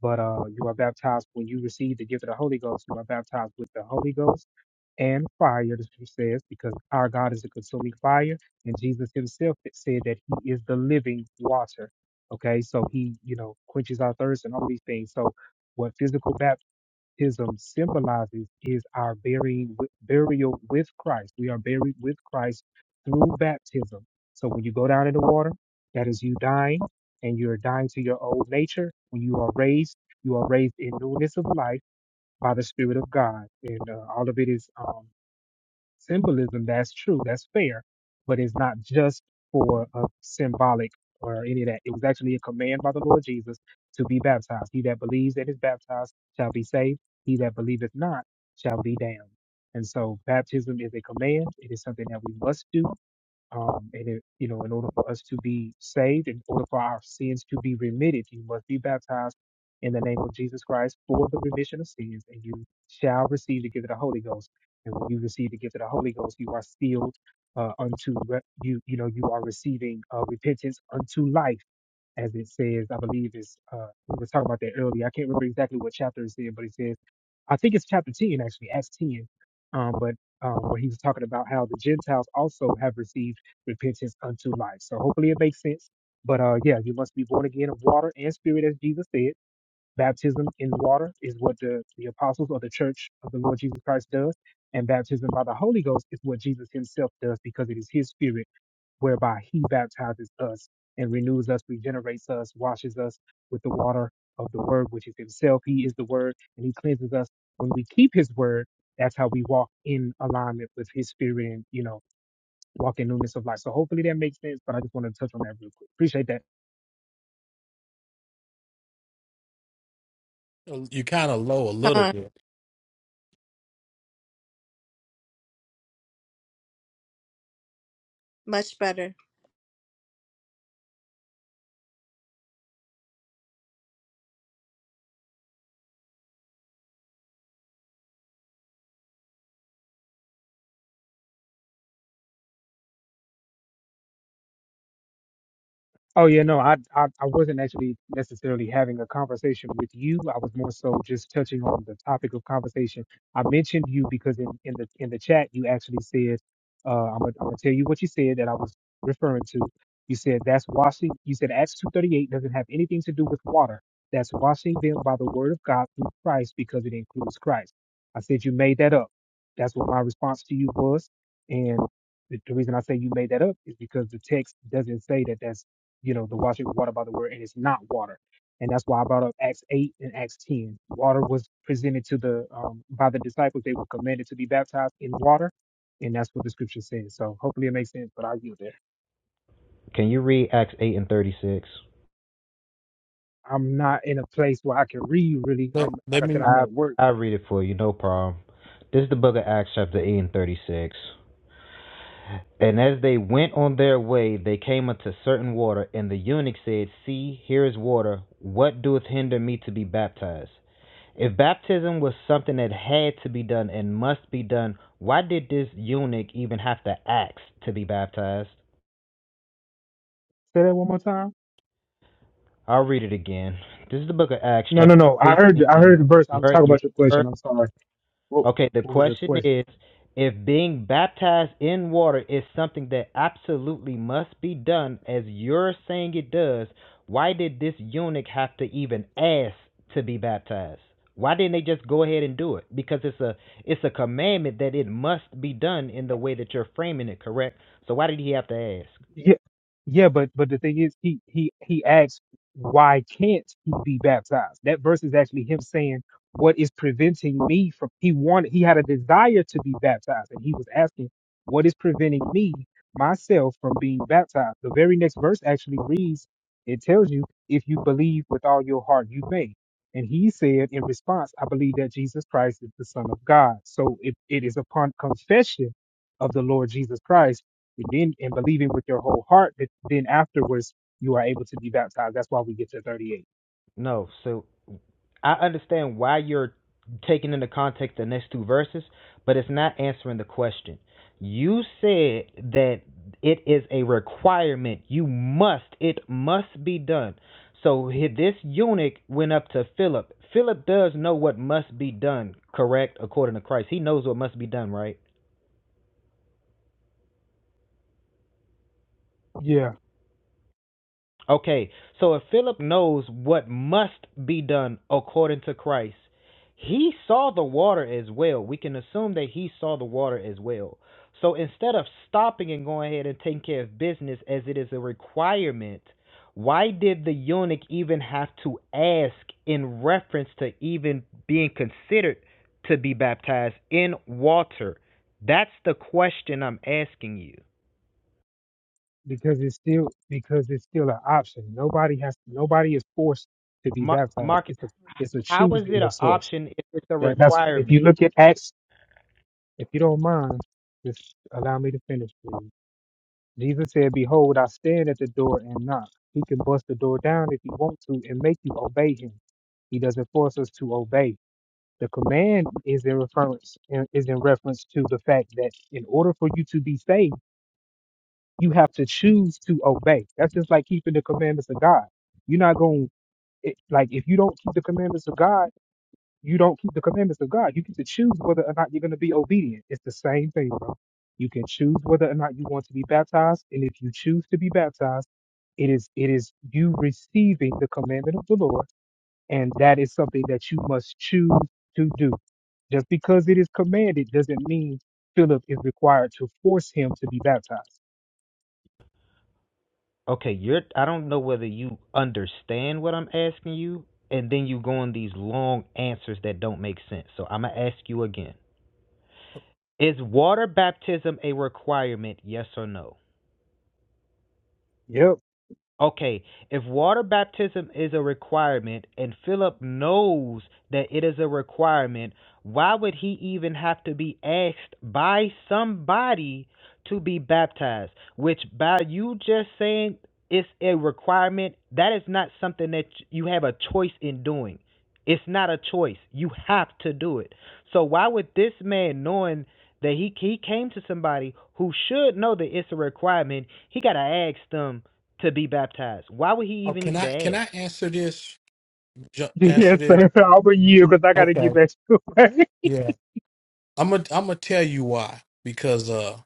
S5: But uh, you are baptized when you receive the gift of the Holy Ghost. You are baptized with the Holy Ghost and fire, the scripture says, because our God is a consuming fire. And Jesus himself said that he is the living water. Okay, so he, you know, quenches our thirst and all these things. So, what physical baptism? baptism symbolizes is our burying, burial with Christ. We are buried with Christ through baptism. So when you go down in the water, that is you dying, and you are dying to your old nature. When you are raised, you are raised in newness of life by the Spirit of God, and uh, all of it is. Um, symbolism, that's true, that's fair, but it's not just for a symbolic or any of that. It was actually a command by the Lord Jesus to be baptized. He that believes and is baptized shall be saved. He that believeth not shall be damned. And so baptism is a command. It is something that we must do. Um, and it, you know, in order for us to be saved, in order for our sins to be remitted, you must be baptized in the name of Jesus Christ for the remission of sins, and you shall receive the gift of the Holy Ghost. And when you receive the gift of the Holy Ghost, you are sealed uh, unto re- you. You know, you are receiving uh, repentance unto life as it says, I believe is uh we were talking about that earlier. I can't remember exactly what chapter it said, but it says I think it's chapter ten actually, Acts ten. Um, but um, where he was talking about how the Gentiles also have received repentance unto life. So hopefully it makes sense. But uh, yeah, you must be born again of water and spirit, as Jesus said. Baptism in water is what the, the apostles or the church of the Lord Jesus Christ does, and baptism by the Holy Ghost is what Jesus Himself does because it is His spirit whereby he baptizes us and renews us, regenerates us, washes us with the water of the word, which is himself. He is the word, and he cleanses us. When we keep his word, that's how we walk in alignment with his spirit and, you know, walk in newness of life. So hopefully that makes sense, but I just wanted to touch on that real quick. Appreciate that.
S2: You kind of low a little
S4: Huh,
S2: bit.
S4: much better
S5: Oh yeah, no, I, I I wasn't actually necessarily having a conversation with you. I was more so just touching on the topic of conversation. I mentioned you because in, in the in the chat you actually said, uh, I'm gonna, I'm gonna tell you what you said that I was referring to. You said that's washing. You said Acts two thirty eight doesn't have anything to do with water. That's washing them by the word of God through Christ because it includes Christ. I said you made that up. That's what my response to you was, and the, the reason I say you made that up is because the text doesn't say that that's you know, the washing it with water by the word, and it's not water. And that's why I brought up Acts 8 and Acts 10. Water was presented to the, um, by the disciples. They were commanded to be baptized in water. And that's what the scripture says. So hopefully it makes sense, but I yield there.
S6: Can you read Acts 8 and 36?
S5: I'm not in a place where I can read really. I'm,
S2: Let,
S5: like
S2: let
S5: I said,
S2: me.
S5: I'm
S6: I
S5: at work.
S6: I read it for you, no problem. This is the book of Acts, chapter 8 and 36. And as they went on their way, they came unto certain water, and the eunuch said, See, here is water. What doeth hinder me to be baptized? If baptism was something that had to be done and must be done, why did this eunuch even have to ask to be baptized?
S5: Say that one more time.
S6: I'll read it again. This is the book of Acts,
S5: No, no,
S6: chapter
S5: no. I
S6: 18.
S5: heard, I heard the verse.
S6: You
S5: I'm
S6: heard,
S5: talking
S6: you heard
S5: about your
S6: the verse?
S5: question. I'm sorry. What,
S6: Okay, the
S5: what was your
S6: question
S5: question?
S6: is if being baptized in water is something that absolutely must be done, as you're saying it does, why did this eunuch have to even ask to be baptized? Why didn't they just go ahead and do it? Because it's a it's a commandment that it must be done in the way that you're framing it, correct? So why did he have to ask?
S5: Yeah, yeah, but but the thing is, he he he asks, why can't he be baptized? That verse is actually him saying, what is preventing me from? He wanted, he had a desire to be baptized, and he was asking, what is preventing me myself from being baptized? The very next verse actually reads, it tells you, if you believe with all your heart, you may. And he said in response, I believe that Jesus Christ is the Son of God. So it, it is upon confession of the Lord Jesus Christ then and believing with your whole heart that then afterwards you are able to be baptized. That's why we get to 38
S6: No, so I understand why you're taking into context the next two verses, but it's not answering the question. You said that it is a requirement. You must. It must be done. So he- this eunuch went up to Philip. Philip does know what must be done, correct? According to Christ, he knows what must be done, right?
S5: Yeah.
S6: Okay, so if Philip knows what must be done according to Christ, he saw the water as well. We can assume that he saw the water as well. So instead of stopping and going ahead and taking care of business as it is a requirement, why did the eunuch even have to ask in reference to even being considered to be baptized in water? That's the question I'm asking you.
S5: because it's still because it's still an option. Nobody has nobody is forced to be
S6: Mar-
S5: baptized.
S6: Marcus.
S5: It's a it's a
S6: How is
S5: choosing
S6: it an
S5: of sorts.
S6: option if it's a
S5: That, that's if you
S6: requirement?
S5: look at Acts, if you don't mind, just allow me to finish, please. Jesus said, "Behold, I stand at the door and knock. He can bust the door down if he wants to and make you obey him. He doesn't force us to obey. The command is in reference is in reference to the fact that in order for you to be saved, you have to choose to obey. That's just like keeping the commandments of God. You're not going it, like if you don't keep the commandments of God, you don't keep the commandments of God. You get to choose whether or not you're going to be obedient. It's the same thing, bro. You can choose whether or not you want to be baptized, and if you choose to be baptized, it is it is you receiving the commandment of the Lord and that is something that you must choose to do. Just because it is commanded doesn't mean Philip is required to force him to be baptized.
S6: Okay, you're. I don't know whether you understand what I'm asking you, and then you go on these long answers that don't make sense. So I'm gonna ask you again: Is water baptism a requirement? Yes or no?
S5: Yep. [laughs]
S6: Okay, if water baptism is a requirement and Philip knows that it is a requirement, why would he even have to be asked by somebody to be baptized? Which, by you just saying it's a requirement, that is not something that you have a choice in doing. It's not a choice. You have to do it. So, why would this man, knowing that he, he came to somebody who should know that it's a requirement, he got to ask them to be baptized. Why would he
S2: Oh,
S6: even
S2: can
S6: need
S2: I
S6: to
S2: can I
S6: ask?
S2: answer this? Ju- answer
S5: Yes,
S2: this.
S5: sir. I'll bring you because I got to get
S2: Okay.
S5: back to it.
S2: Yeah. I'm gonna I'm gonna tell you why because uh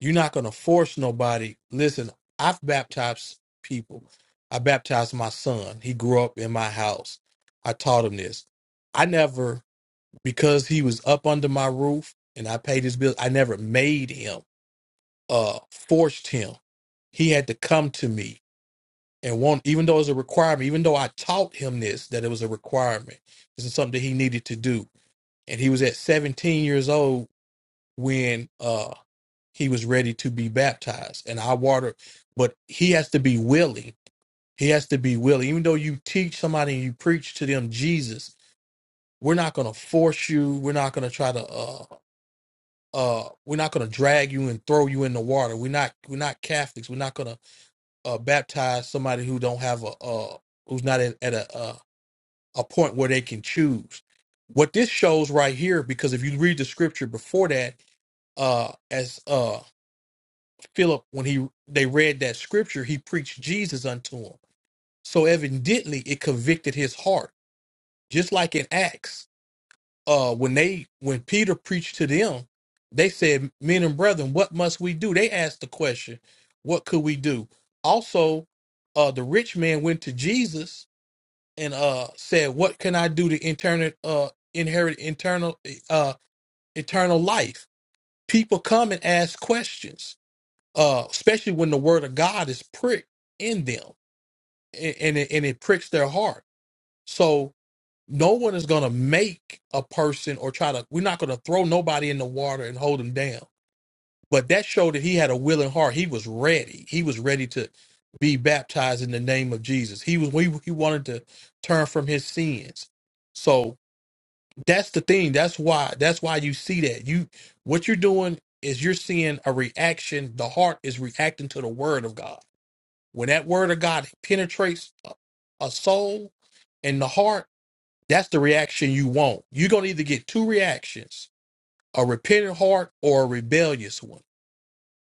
S2: you're not gonna force nobody. Listen, I've baptized people. I baptized my son. He grew up in my house. I taught him this. I never because he was up under my roof and I paid his bills. I never made him uh forced him. He had to come to me and want even though it was a requirement, even though I taught him this that it was a requirement. This is something that he needed to do. And he was at 17 years old when uh he was ready to be baptized and I water but he has to be willing he has to be willing even though you teach somebody and you preach to them Jesus we're not going to force you we're not going to try to uh uh we're not going to drag you and throw you in the water we're not we're not Catholics we're not going to uh baptize somebody who don't have a uh who's not at, at a uh, a point where they can choose what this shows right here because if you read the scripture before that uh as uh Philip, when he they read that scripture, he preached Jesus unto him. So evidently, it convicted his heart, just like in Acts. Uh, when they when Peter preached to them, they said, "Men and brethren, what must we do?" They asked the question, "What could we do?" Also, uh, the rich man went to Jesus and uh said, "What can I do to internal uh inherit internal uh eternal life?" People come and ask questions uh, especially when the word of God is pricked in them and, and, it, and it pricks their heart. So no one is going to make a person or try to, we're not going to throw nobody in the water and hold them down. But that showed that he had a willing heart. He was ready. He was ready to be baptized in the name of Jesus. He was, he, he wanted to turn from his sins. So that's the thing. That's why, that's why you see that you, what you're doing is you're seeing a reaction. The heart is reacting to the word of God when that word of God penetrates a a soul and the heart, that's the reaction you want. You're going to either get two reactions a repentant heart or a rebellious one.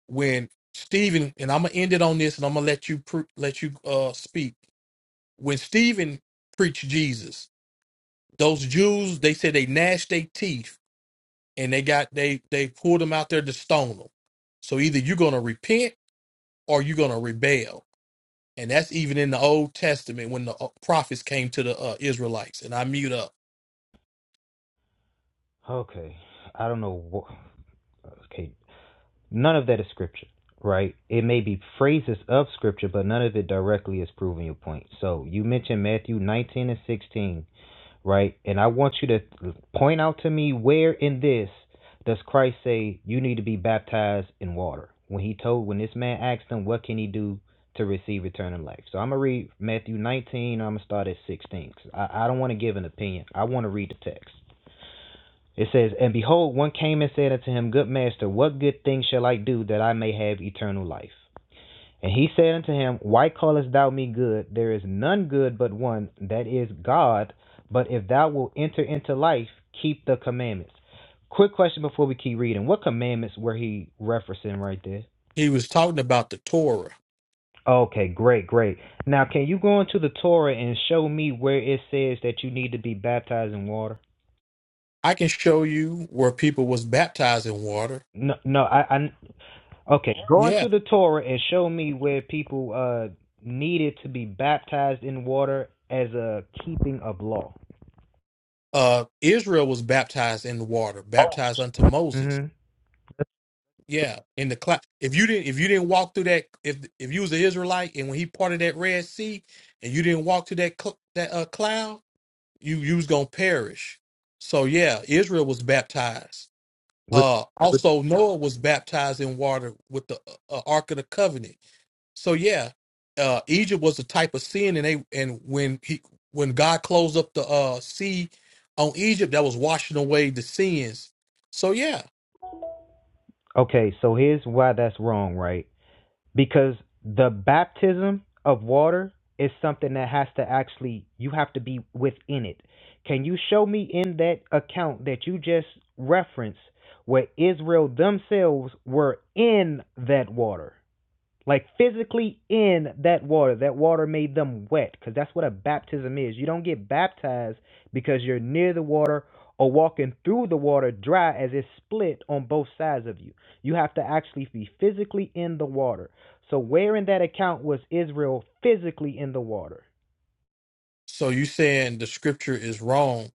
S2: When Stephen, and I'm going to end it on this and I'm going to let you, pre- let you uh, speak. When Stephen preached Jesus, those Jews, they said they gnashed their teeth and they got, they, they pulled them out there to stone them. So either you're going to repent or you're going to rebel and that's even in the Old Testament when the uh, prophets came to the uh, Israelites. And I mute up.
S6: Okay, I don't know. okay, none of that is scripture, right? It may be phrases of scripture, but none of it directly is proving your point. So you mentioned Matthew 19 and 16 right? And I want you to point out to me where in this does Christ say you need to be baptized in water? When he told, when this man asked him, what can he do to receive eternal life? So I'm gonna read Matthew 19. I'm gonna start at 16. I, I don't want to give an opinion. I want to read the text. It says, And behold, one came and said unto him, Good master, what good thing shall I do that I may have eternal life? And he said unto him, Why callest thou me good? There is none good but one, that is God. But if thou wilt enter into life, keep the commandments. Quick question before we keep reading. What commandments were he referencing right there?
S2: He was talking about the Torah.
S6: Okay, great, great. Now, can you go into the Torah and show me where it says that you need to be baptized in water?
S2: I can show you where people was baptized in water.
S6: No, no, I, I okay. Go
S2: Yeah,
S6: into the Torah and show me where people uh needed to be baptized in water as a keeping of law.
S2: uh, Israel was baptized in the water, baptized unto Moses.
S6: Mm-hmm.
S2: Yeah, in the cloud. If you didn't, if you didn't walk through that, if if you was an Israelite and when he parted that Red Sea, and you didn't walk through that cl- that uh, cloud, you you was gonna perish. So yeah, Israel was baptized
S6: With,
S2: Uh,
S6: with,
S2: also, Noah was baptized in water with the uh, uh, Ark of the Covenant. So yeah, uh, Egypt was a type of sin, and they and when he when God closed up the uh, sea on Egypt, that was washing away the sins. So yeah,
S6: okay, so here's why that's wrong, right? Because the baptism of water is something that has to actually, you have to be within it. Can you show me in that account that you just referenced where Israel themselves were in that water? like physically in that water. That water made them wet because that's what a baptism is. You don't get baptized because you're near the water or walking through the water dry as it's split on both sides of you. You have to actually be physically in the water. So, where in that account was Israel physically in the water?
S2: so you saying the scripture is wrong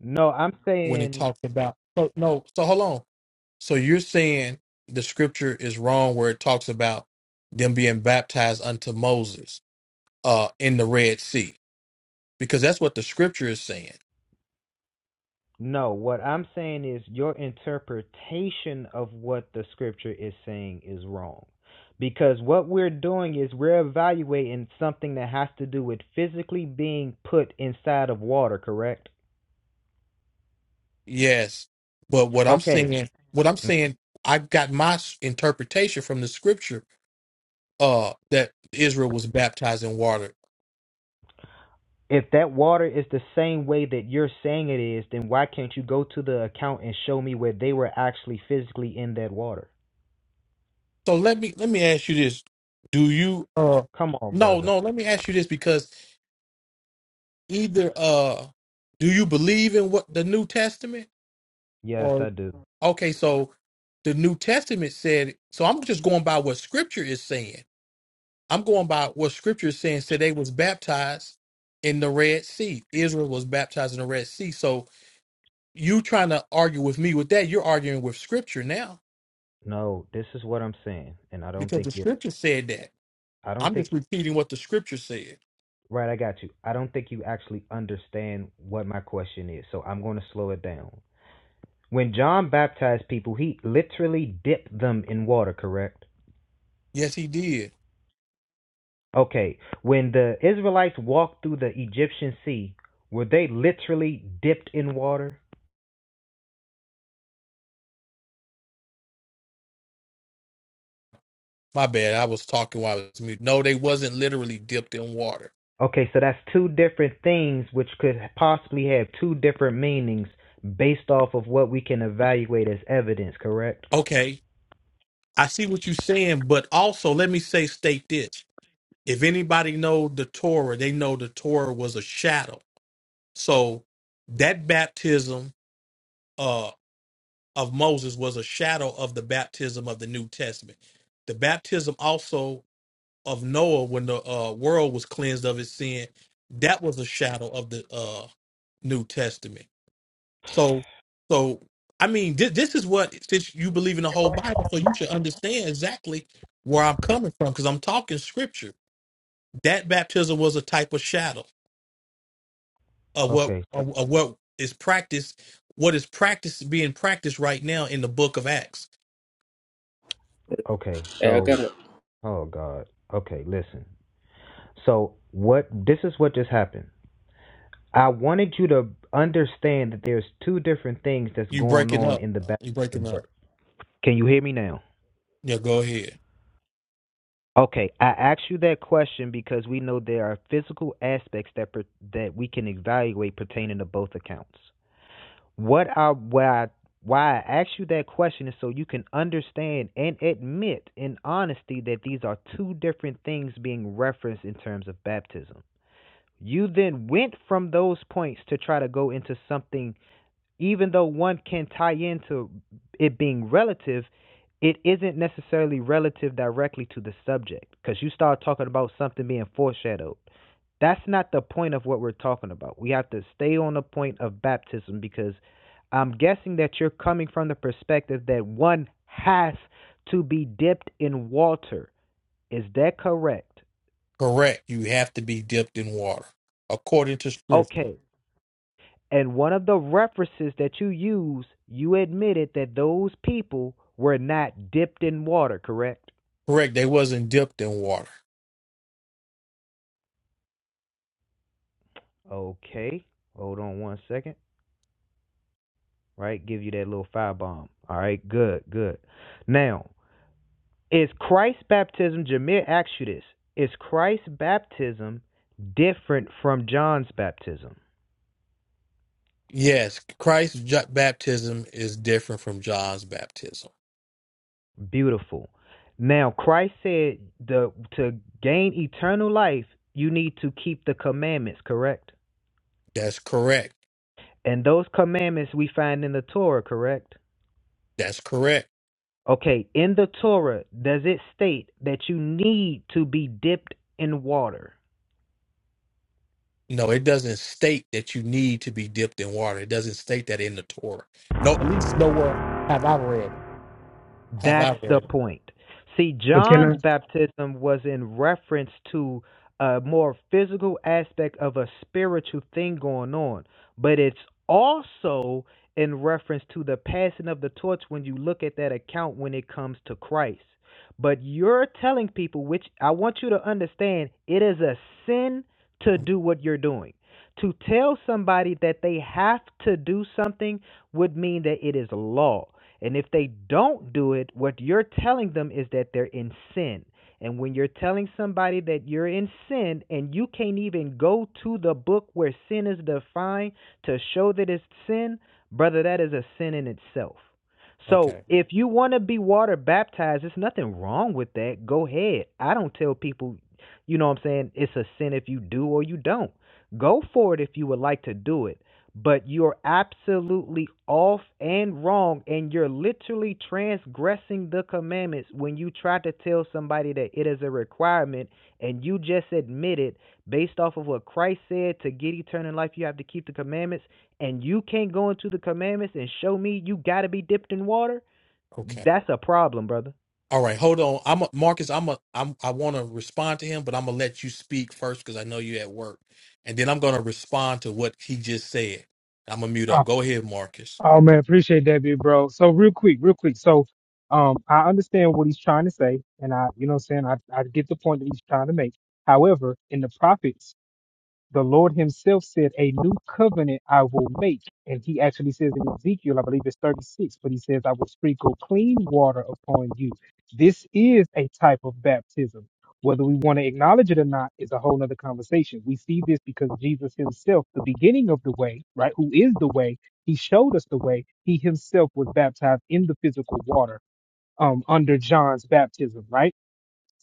S6: No, I'm
S2: when it
S6: saying
S2: talks about so, no? So hold on. So you're saying the scripture is wrong where it talks about them being baptized unto Moses uh, in the Red Sea because that's what the scripture is saying
S6: No, what I'm saying is your interpretation of what the scripture is saying is wrong. Because what we're doing is we're evaluating something that has to do with physically being put inside of water, correct?
S2: Yes, but what I'm
S6: Okay.
S2: saying, what I'm saying, I got my s- interpretation from the scripture uh that Israel was baptized in water.
S6: If that water is the same way that you're saying it is, then why can't you go to the account and show me where they were actually physically in that water?
S2: So let me let me ask you this. Do you uh
S6: Come on,
S2: no,
S6: brother.
S2: no, let me ask you this because either uh do you believe in what the New Testament
S6: Yes,
S2: or
S6: I do.
S2: okay, so the New Testament said, so I'm just going by what scripture is saying. I'm going by what scripture is saying. Said they was baptized in the Red Sea. Israel was baptized in the Red Sea. So you trying to argue with me with that, you're arguing with scripture now
S6: No, this is what I'm saying, and I don't
S2: because the
S6: think you
S2: scripture said that.
S6: I don't
S2: I'm
S6: think
S2: just repeating what the scripture said.
S6: Right, I got you. I don't think you actually understand what my question is, so I'm going to slow it down. When John baptized people, he literally dipped them in water, correct?
S2: Yes, he did.
S6: Okay, when the Israelites walked through the Egyptian sea, were they literally dipped in water?
S2: My bad. I was talking while I was mute. No, they wasn't literally dipped in water.
S6: Okay, so that's two different things which could possibly have two different meanings based off of what we can evaluate as evidence, correct?
S2: Okay. I see what you're saying, but also let me say state this. If anybody know the Torah, they know the Torah was a shadow. So that baptism uh, of Moses was a shadow of the baptism of the New Testament. The baptism also of Noah when the uh, world was cleansed of its sin, that was a shadow of the uh, New Testament. So, so I mean, this, this is what since you believe in the whole Bible, so you should understand exactly where I'm coming from because I'm talking Scripture. That baptism was a type of shadow of what
S6: Okay, so,
S2: of, of what is practiced, what is practiced being practiced right now in the Book of Acts
S6: okay,
S7: Hey, I got
S6: so,
S7: a,
S6: oh God. Okay, listen. So what this is what just happened. I wanted you to understand that there's two different things that's
S2: You
S6: going
S2: breaking
S6: on
S2: up.
S6: in the back.
S2: You
S6: of
S2: breaking
S6: the
S2: up.
S6: work. Can you hear me now?
S2: Yeah, go ahead.
S6: Okay, I asked you that question because we know there are physical aspects that per, that we can evaluate pertaining to both accounts. What I why I, why I asked you that question is so you can understand and admit in honesty that these are two different things being referenced in terms of baptism. You then went from those points to try to go into something, even though one can tie into it being relative, it isn't necessarily relative directly to the subject because you start talking about something being foreshadowed. That's not the point of what we're talking about. We have to stay on the point of baptism because I'm guessing that you're coming from the perspective that one has to be dipped in water. Is that correct?
S2: Correct. You have to be dipped in water. According to scripture.
S6: Okay. And one of the references that you used, you admitted that those people were not dipped in water, correct?
S2: Correct. They wasn't dipped in water.
S6: Okay. Hold on one second. Right? Give you that little firebomb. All right. Good, good. Now, is Christ's baptism, Jameer asked you this, is Christ's baptism different from John's baptism?
S2: Yes, Christ's ju- baptism is different from John's baptism.
S6: Beautiful. Now, Christ said the, to gain eternal life, you need to keep the commandments, correct?
S2: That's correct.
S6: And those commandments we find in the Torah, correct?
S2: That's correct.
S6: Okay, in the Torah, does it state that you need to be dipped in water?
S2: No, it doesn't state that you need to be dipped in water. It doesn't state that in the Torah. No, have
S6: That's
S2: I read?
S6: the point. See,
S5: [laughs] but can
S6: John's
S5: I?
S6: baptism was in reference to a more physical aspect of a spiritual thing going on, but it's also in reference to the passing of the torch when you look at that account when it comes to Christ. But you're telling people, which I want you to understand, it is a sin to
S2: Mm,
S6: do what you're doing. To tell somebody that they have to do something would mean that it is law. And if they don't do it, what you're telling them is that they're in sin. And when you're telling somebody that you're in sin and you can't even go to the book where sin is defined to show that it's sin, brother, that is a sin in itself. So
S2: Okay,
S6: if you want to be water baptized, there's nothing wrong with that. Go ahead. I don't tell people, you know what I'm saying, it's a sin if you do or you don't. Go for it if you would like to do it but you're absolutely off and wrong and you're literally transgressing the commandments when you try to tell somebody that it is a requirement and you just admitted, based off of what Christ said to get eternal life you have to keep the commandments and you can't go into the commandments and show me you got to be dipped in water
S2: okay.
S6: that's a problem brother
S2: All right, hold on. I'm a, Marcus. I'm a. I'm. I want to respond to him, but I'm gonna let you speak first because I know you're at work, and then I'm gonna respond to what he just said. I'm gonna mute
S5: Oh,
S2: up. Go ahead, Marcus.
S5: oh, man, appreciate that, big bro. So real quick, real quick. So, um, I understand what he's trying to say, and I, you know, what I'm saying I, I get the point that he's trying to make. However, in the prophets, the Lord Himself said, A new covenant I will make. And He actually says in Ezekiel, I believe it's 36, but He says, I will sprinkle clean water upon you. This is a type of baptism. Whether we want to acknowledge it or not is a whole other conversation. We see this because Jesus Himself, the beginning of the way, right, who is the way, He showed us the way. He Himself was baptized in the physical water um, under John's baptism, right?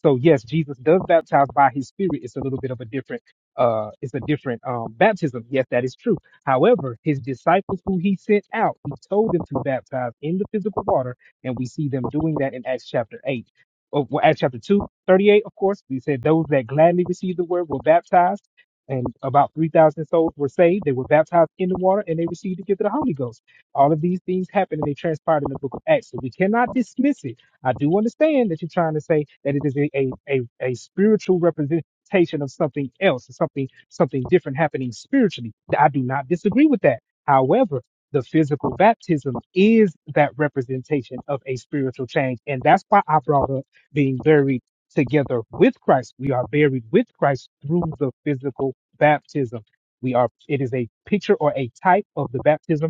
S5: So yes, Jesus does baptize by his spirit. It's a little bit of a different uh it's a different um baptism. Yes, that is true. However, his disciples who he sent out, he told them to baptize in the physical water, and we see them doing that in Acts chapter 8. Oh, well, Acts chapter 2, 38. of course. We said those that gladly received the word were baptized, and about 3,000 souls were saved. They were baptized in the water, and they received the gift of the Holy Ghost. All of these things happened, and they transpired in the book of Acts. So we cannot dismiss it I do understand that you're trying to say that it is a, a, a, a spiritual representation of something else, something something different happening spiritually. I do not disagree with that. However, the physical baptism is that representation of a spiritual change. And that's why I brought up being buried together with Christ. We are buried with Christ through the physical baptism. We are it is a picture or a type of the baptism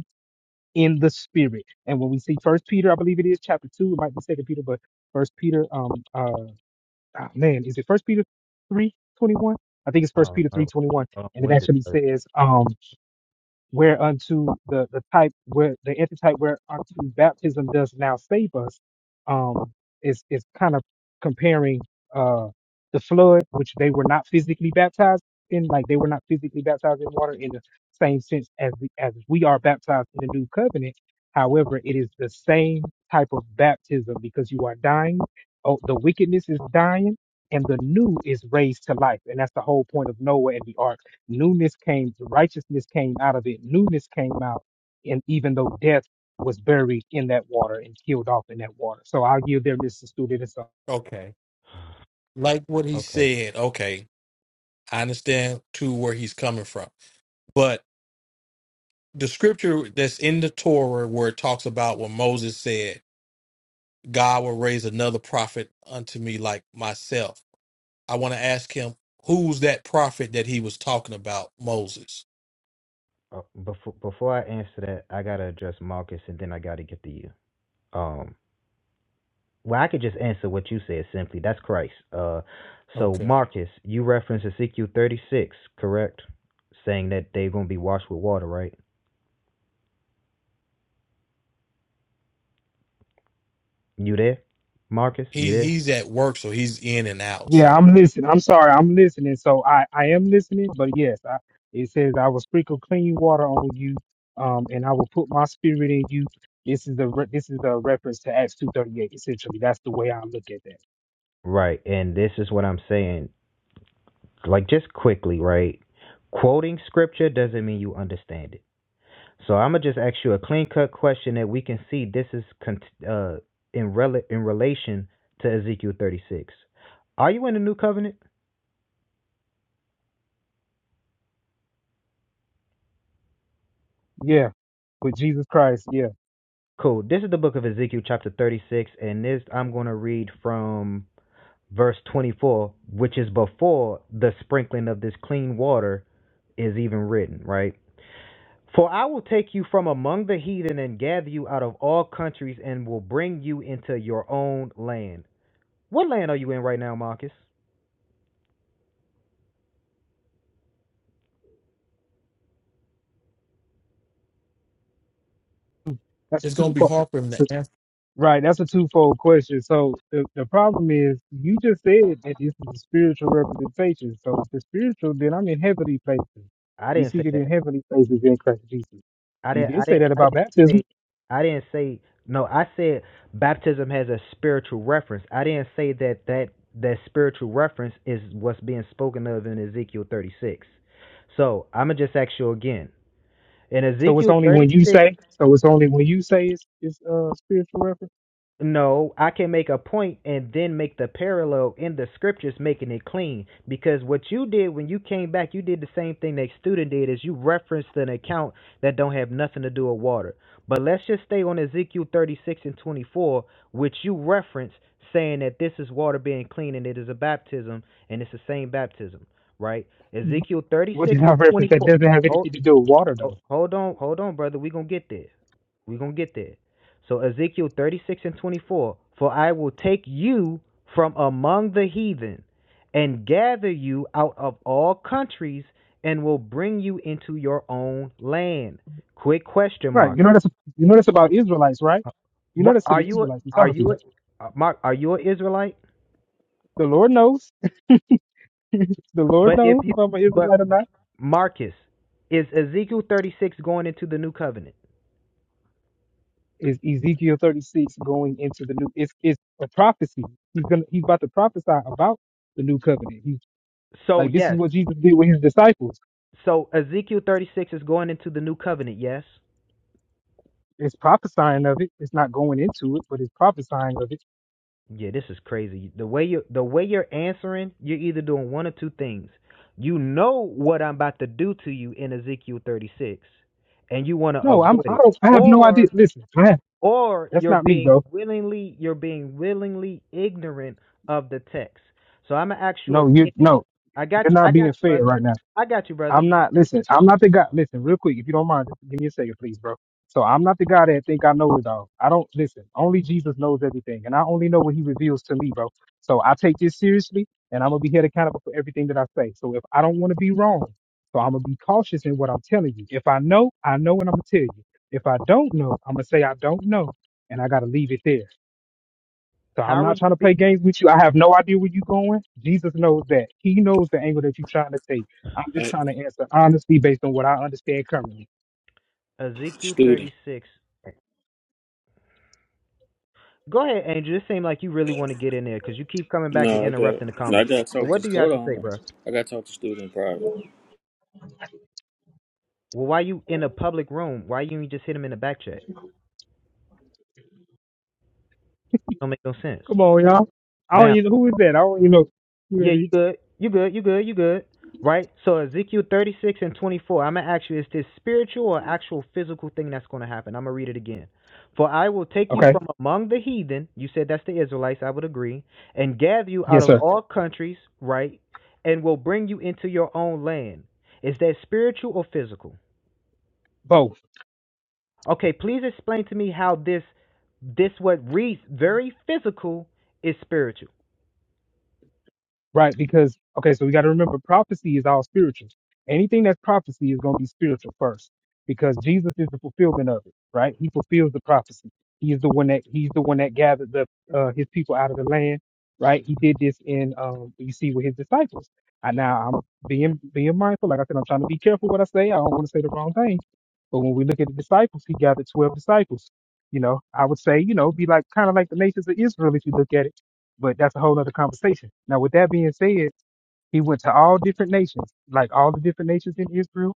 S5: in the spirit. And when we see First Peter, I believe it is chapter two, it might be Second Peter, but First Peter, um, uh, ah, man, is it First Peter three twenty one? I think it's
S6: I
S5: First
S6: don't
S5: Peter three
S6: know.
S5: twenty one,
S6: Um,
S5: and it
S6: winded.
S5: actually
S6: but-
S5: says, um, whereunto the, the type where the antitype whereunto baptism does now save us um is is kind of comparing uh the flood which they were not physically baptized in like they were not physically baptized in water in the same sense as we, as we are baptized in the new covenant however it is the same type of baptism because you are dying oh the wickedness is dying and the new is raised to life and that's the whole point of noah and the ark newness came, righteousness came out of it, newness came out, and even though death was buried in that water and killed off in that water. So I'll give there, Mr. Student. And so,
S2: Okay. Like what he
S6: Okay.
S2: said. Okay, I understand too where he's coming from, but the scripture that's in the Torah where it talks about what Moses said, God will raise another prophet unto me like myself. I want to ask him who's that prophet that he was talking about, Moses.
S6: So, uh, before before I answer that, I gotta address Marcus, and then I gotta get to you. Um, Well, I could just answer what you said simply. That's Christ. Uh, so
S2: Okay.
S6: Marcus, you referenced Ezekiel 36, correct? Saying that they're going to be washed with water, right? You there, Marcus?
S2: he
S6: You there?
S2: he's at work, so he's in and out.
S5: yeah,
S2: So
S5: I'm listening. I'm sorry, I'm listening. So I, I am listening, but yes, I, it says, I will sprinkle clean water on you, um, and I will put my spirit in you. This is the re- this is a reference to Acts two thirty eight. Essentially, that's the way I look at that.
S6: Right. And this is what I'm saying. Like just quickly, right? Quoting scripture doesn't mean you understand it. So I'm gonna just ask you a clean cut question that we can see this is con- uh in rel- in relation to Ezekiel 36. Are you in the new covenant?
S5: Yeah, with Jesus Christ. Yeah,
S6: Cool. This is the book of Ezekiel, chapter 36, and this I'm going to read from verse 24, which is before the sprinkling of this clean water is even written, right? For I will take you from among the heathen and gather you out of all countries and will bring you into your own land. What land are you in right now, Marcus?
S5: that's a
S2: it's gonna
S5: two
S2: be
S5: part.
S2: hard for him to answer.
S5: Right, that's a twofold question. So the, the problem is, you just said that this is a spiritual representation. So if it's spiritual, then I'm in heavenly places.
S6: I
S5: We
S6: didn't
S5: see
S6: say
S5: that
S6: that.
S5: in heavenly places in Christ Jesus.
S6: I
S5: You
S6: didn't
S5: did
S6: I
S5: say
S6: didn't
S5: that
S6: I
S5: about
S6: didn't
S5: baptism.
S6: say I didn't say no, I said baptism has a spiritual reference. I didn't say that that that spiritual reference is what's being spoken of in Ezekiel 36. So, I'm going to just ask you again. In
S5: So it's
S6: Ezekiel
S5: only when you
S6: 36,
S5: say. So it's only when you say it's it's uh, spiritual reference.
S6: No, I can make a point and then make the parallel in the scriptures, making it clean. Because what you did when you came back, you did the same thing that student did, is you referenced an account that don't have nothing to do with water. But let's just stay on Ezekiel 36 and 24, which you reference saying that this is water being clean and it is a baptism and it's the same baptism, right?
S5: [laughs]
S6: Ezekiel
S5: What
S6: 36
S5: did I
S6: and
S5: reference? That
S6: 24.
S5: doesn't have
S6: Hold,
S5: anything to do with water,
S6: hold
S5: though.
S6: on, hold on, brother. we going to get there. We're going to get there. So Ezekiel 36 and 24. For I will take you from among the heathen and gather you out of all countries and will bring you into your own land. Quick question
S5: Right.
S6: mark.
S5: You know that's you know that's about Israelites, right? You know
S6: What-
S5: that's to
S6: Are
S5: the
S6: you a,
S5: Israelites. He's
S6: are
S5: talking to you.
S6: you a,
S5: right?
S6: uh, Mark are you an Israelite?
S5: The Lord knows. The Lord
S6: But if
S5: knows
S6: you
S5: if I'm an
S6: but
S5: Israelite or not.
S6: Marcus is Ezekiel 36 going into the new covenant?
S5: is Ezekiel 36 going into the new it's it's a prophecy. He's gonna he's about to prophesy about the new covenant. He's
S6: So
S5: like this is
S6: yes.
S5: what Jesus did with his disciples.
S6: So Ezekiel 36 is going into the new covenant, yes?
S5: It's prophesying of it. It's not going into it, but it's prophesying of it.
S6: Yeah, this is crazy. The way you the way you're answering, you're either doing one or two things. You know what I'm about to do to you in Ezekiel 36, and you want to
S5: No, I'm
S6: avoid
S5: I
S6: it,
S5: don't I have no idea.
S6: or
S5: Listen, I have,
S6: or
S5: that's
S6: you're
S5: not me,
S6: being
S5: bro.
S6: willingly you're being willingly ignorant of the text. So I'm gonna ask you
S5: No, you
S6: again.
S5: no,
S6: I got
S5: you're
S6: you, I
S5: not
S6: got
S5: being
S6: you,
S5: fair
S6: brother.
S5: right now.
S6: I got you, brother.
S5: I'm not listen. I'm not the guy. Listen, real quick, if you don't mind, just give me a second, please, bro. So I'm not the guy that think I know it all. I don't listen. Only Jesus knows everything, and I only know what He reveals to me, bro. So I take this seriously, and I'm gonna be held accountable for everything that I say. So if I don't want to be wrong, so I'm gonna be cautious in what I'm telling you. If I know, I know, and I'm gonna tell you. If I don't know, I'm gonna say I don't know, and I gotta leave it there. So I'm
S6: How are
S5: not
S6: you
S5: trying to play
S6: being
S5: games with you. I have no idea where you're going. Jesus knows that. He knows the angle that you're trying to take. I'm just
S7: a
S5: trying to answer honestly based on what I understand currently.
S6: Ezekiel
S7: student.
S6: 36? Go ahead, Angel. It seems like you really want to get in there because you keep coming back and
S7: No, I got.
S6: interrupting the
S7: No, I
S6: conversation.
S7: got to
S6: So
S7: talk to.
S6: what do you
S7: Hold
S6: have
S7: on,
S6: to
S7: hold
S6: say,
S7: on.
S6: bro?
S7: I got to talk to student private.
S6: Well, why you in a public room? Why you ain't just hit him in the back check? Don't make no sense.
S5: Come on, y'all. I don't
S6: Now,
S5: even know who is that? I don't even know who
S6: yeah,
S5: that
S6: you
S5: is.
S6: good, you good, you good, you good, right? So Ezekiel 36 and 24. I'm gonna ask you, is this spiritual or actual physical thing that's gonna happen? I'm gonna read it again. For I will take you
S5: Okay.
S6: from among the heathen. You said that's the Israelites. I would agree, and gather you out
S5: Yes,
S6: of
S5: sir.
S6: all countries, right? And will bring you into your own land. Is that spiritual or physical?
S5: Bo.
S6: Okay, please explain to me how this this what reads very physical is spiritual.
S5: Right, because okay, so we got to remember prophecy is all spiritual. Anything that's prophecy is going to be spiritual first, because Jesus is the fulfillment of it. Right, He fulfills the prophecy. He is the one that He's the one that gathered the uh, His people out of the land. Right, He did this in um, you see with His disciples. I, now I'm being being mindful. Like I said, I'm trying to be careful what I say. I don't want to say the wrong thing. But when we look at the disciples, He gathered twelve disciples. You know, I would say you know be like kind of like the nations of Israel if you look at it but that's a whole other conversation. Now, with that being said, he went to all different nations, like all the different nations in Israel,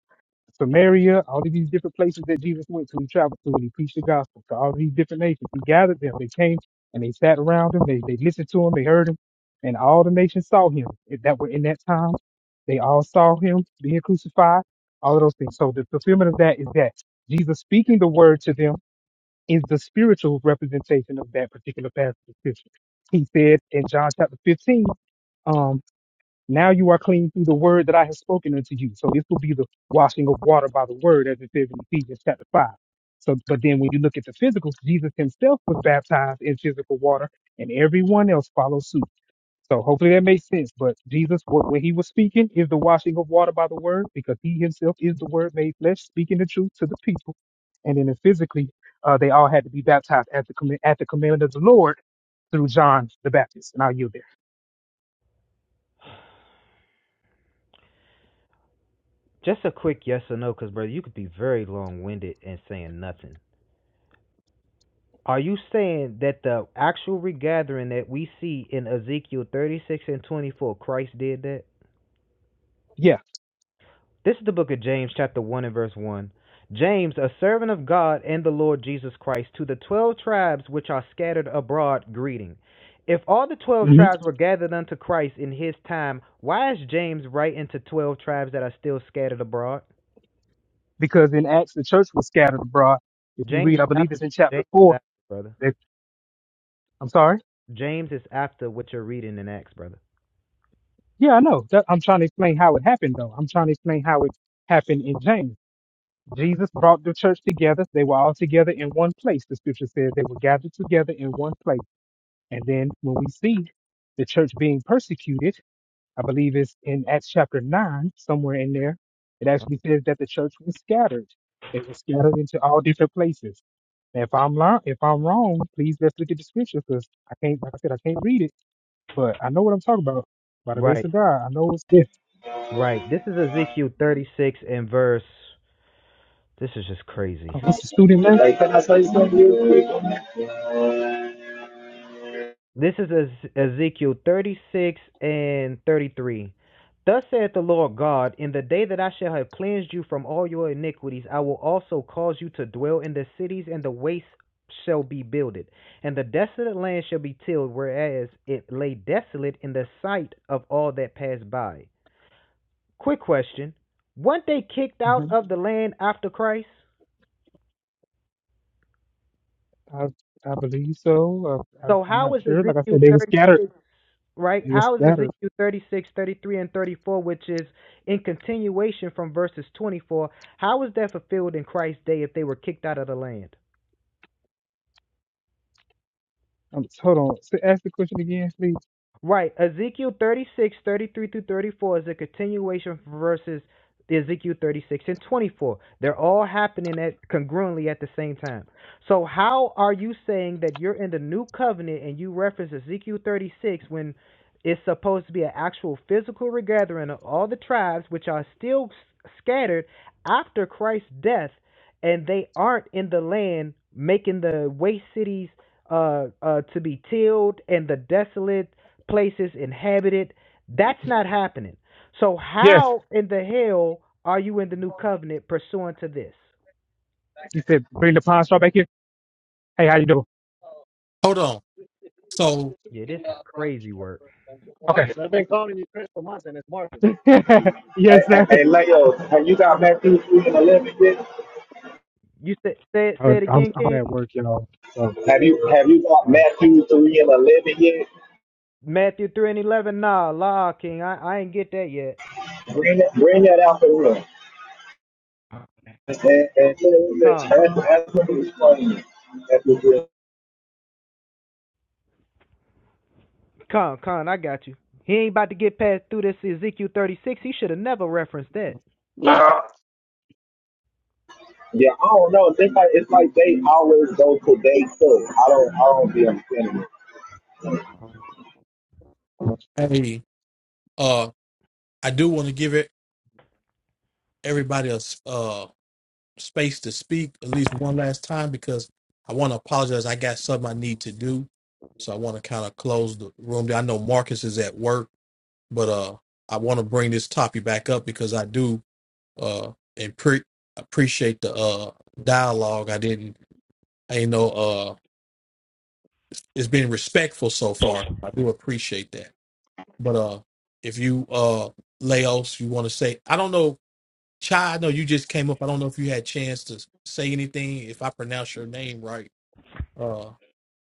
S5: Samaria, all of these different places that Jesus went to. He traveled to and he preached the gospel to all these different nations. He gathered them. They came and they sat around him. They, they listened to him. They heard him. And all the nations saw him If that were in that time. They all saw him being crucified, all of those things. So the fulfillment of that is that Jesus speaking the word to them is the spiritual representation of that particular passage of scripture. He said in John chapter 15, um, now you are clean through the word that I have spoken unto you. So this will be the washing of water by the word, as it says in Ephesians chapter 5. So, but then when you look at the physical, Jesus himself was baptized in physical water, and everyone else follows suit. So hopefully that makes sense. But Jesus, what when he was speaking, is the washing of water by the word, because he himself is the word made flesh, speaking the truth to the people. And then physically, uh, they all had to be baptized at the comm- at the commandment of the Lord through John the Baptist. And I'll yield there.
S6: Just a quick yes or no, because brother, you could be very long winded and saying nothing. Are you saying that the actual regathering that we see in Ezekiel thirty six and twenty four, Christ did that?
S5: Yeah,
S6: This is the book of James, chapter 1 and verse 1. James, a servant of God and the Lord Jesus Christ, to the 12 tribes which are scattered abroad, greeting. If all the 12
S5: hmm
S6: tribes were gathered unto Christ in his time, why is James writing to 12 tribes that are still scattered abroad?
S5: because in Acts the church was scattered abroad. If you
S6: James
S5: read,
S6: is
S5: I believe
S6: after
S5: it's in chapter
S6: James is
S5: four.
S6: after, brother.
S5: That, I'm sorry.
S6: James is after what you're reading in Acts, brother.
S5: Yeah, I know. That, I'm trying to explain how it happened, though. I'm trying to explain how it happened in James. Jesus brought the church together. They were all together in one place. The scripture says they were gathered together in one place. And then when we see the church being persecuted, I believe it's in Acts chapter 9, somewhere in there, it actually says that the church was scattered. They were scattered into all different places. And if I'm lying, if I'm wrong, please let's look at the scripture because I can't, like I said, I can't read it, but I know what I'm talking about. By the grace
S6: Right,
S5: of God, I know it's this.
S6: right. This is Ezekiel 36 and verse. This is just crazy.
S5: Oh, Mr. Student
S8: Hey,
S5: left.
S8: can I say something real quick on that?
S6: This is Ezekiel 36 and 33. Thus saith the Lord God, In the day that I shall have cleansed you from all your iniquities, I will also cause you to dwell in the cities, and the wastes shall be builded, and the desolate land shall be tilled, whereas it lay desolate in the sight of all that passed by. Quick question. Weren't they kicked out of the land after Christ?
S5: I, I believe so. I, I,
S6: So
S5: I'm
S6: how
S5: not
S6: is
S5: sure. Like I said,
S6: Ezekiel
S5: they were
S6: 36
S5: scattered.
S6: right?
S5: They were
S6: How is
S5: scattered.
S6: Ezekiel 36:33 and 34, which is in continuation from verses 24, how is that fulfilled in Christ's day if they were kicked out of the land?
S5: Um, so hold on. S ask the question again, please.
S6: Right. Ezekiel 36 33 through 34 is a continuation from verses Ezekiel 36 and 24. They're all happening at congruently at the same time. So how are you saying that you're in the new covenant and you reference Ezekiel 36 when it's supposed to be an actual physical regathering of all the tribes which are still s- scattered after Christ's death and they aren't in the land making the waste cities uh, uh, to be tilled and the desolate places inhabited. That's not happening. So
S5: Yes,
S6: how in the hell are you in the new covenant pursuant to this?
S5: You said, bring the pawn straw back here. Hey, how you doing?
S2: Hold on. So
S6: Yeah, this is crazy work.
S5: Okay. [laughs]
S8: Hey,
S5: yes,
S8: hey,
S5: sir.
S8: hey, Leo, have you got Matthew 3 and 11 yet?
S6: You said say it
S5: I,
S6: say
S5: am
S6: it
S5: I'm
S6: again,
S5: I'm
S6: King?
S5: at work, y'all. So
S8: Have you have you got
S5: sorry.
S8: Matthew 3 and 11 yet?
S6: Matthew three and eleven. Nah, law, King. I, I ain't get that yet.
S8: Bring that, bring that out the room. And, and so it's-
S6: Come,
S8: that's, that's what he's playing. That's what it is.
S6: come, come. I got you. He ain't about to get past through this Ezekiel thirty six. He should have never referenced that.
S8: Yeah, I don't know. It's like, it's like they always go to day two. I don't, I don't be understanding
S2: hey, uh, I do want to give it everybody a s- uh space to speak at least one last time because I want to apologize. I got something I need to do, so I want to kind of close the room. down. I know Marcus is at work, but uh, I want to bring this topic back up because I do uh and pre- appreciate the uh dialogue. I didn't, I didn't know uh, is being respectful so far. I do appreciate that. But uh if you uh Laos, you want to say I don't know, Chai, I know you just came up. I don't know if you had a chance to say anything, if I pronounce your name right. Uh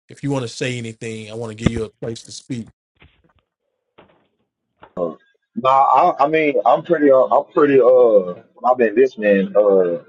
S2: if you want to say anything, I want to give you a place to speak.
S8: Nah, I, I mean, I'm pretty, uh, I'm pretty, uh, I've been listening, uh,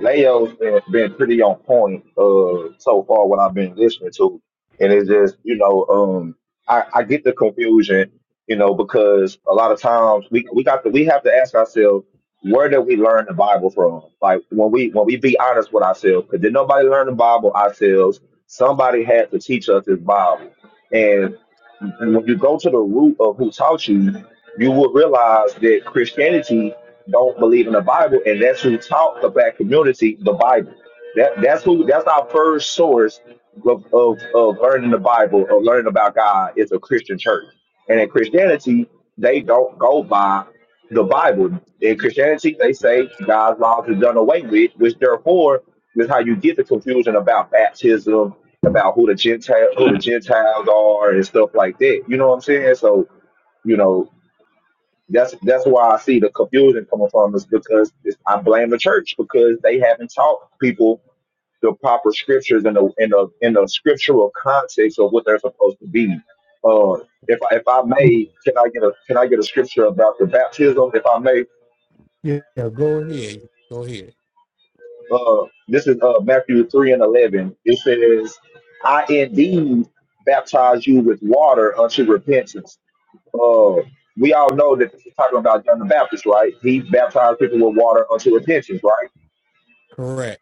S8: Leo's been, been pretty on point, uh, so far what I've been listening to. And it's just, you know, um, I, I get the confusion, you know, because a lot of times we, we got to, we have to ask ourselves, where did we learn the Bible from? Like when we, when we be honest with ourselves, because did nobody learn the Bible ourselves? Somebody had to teach us this Bible. And and when you go to the root of who taught you, you would realize that Christianity don't believe in the Bible, and that's who taught the black community the Bible. That that's who that's our first source of of, of learning the Bible, of learning about God is a Christian church. And in Christianity, they don't go by the Bible. In Christianity, they say God's laws is done away with, which therefore is how you get the confusion about baptism, about who the Gentile who the Gentiles are and stuff like that. You know what I'm saying? So you know that's that's why I see the confusion coming from is because it's, I blame the church because they haven't taught people the proper scriptures in the in the in the scriptural context of what they're supposed to be. Uh, if I, if I may, can I get a can I get a scripture about the baptism? If I may,
S2: Yeah, go ahead. Go ahead.
S8: uh, this is uh, Matthew three and eleven. It says, "I indeed baptize you with water unto repentance." uh, we all know that this is talking about John the Baptist, right? He baptized people with water unto repentance, right?
S2: Correct.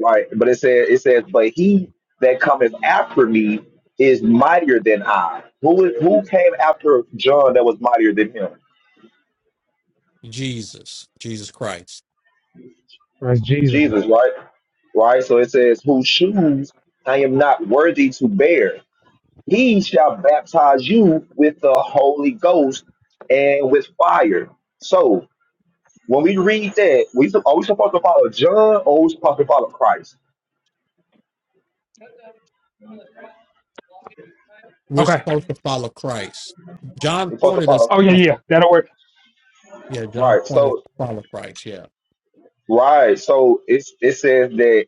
S8: Right. But it says it says, but he that cometh after me is mightier than I. Who is who came after John that was mightier than him?
S2: Jesus. Jesus Christ.
S5: Praise Jesus.
S8: Jesus, right? Right. So it says, whose shoes I am not worthy to bear. He shall baptize you with the Holy Ghost and with fire. So When we read that, we sup- are we supposed to follow John or we supposed to follow Christ?
S2: We're
S5: Okay.
S2: supposed to follow Christ. John
S8: We're supposed to
S2: pointed us to
S8: follow
S5: Oh yeah,
S2: Christ.
S5: yeah. That'll work.
S2: Yeah, John
S8: right.
S2: pointed us
S8: So
S2: to follow Christ. Yeah.
S8: right. So it's it says that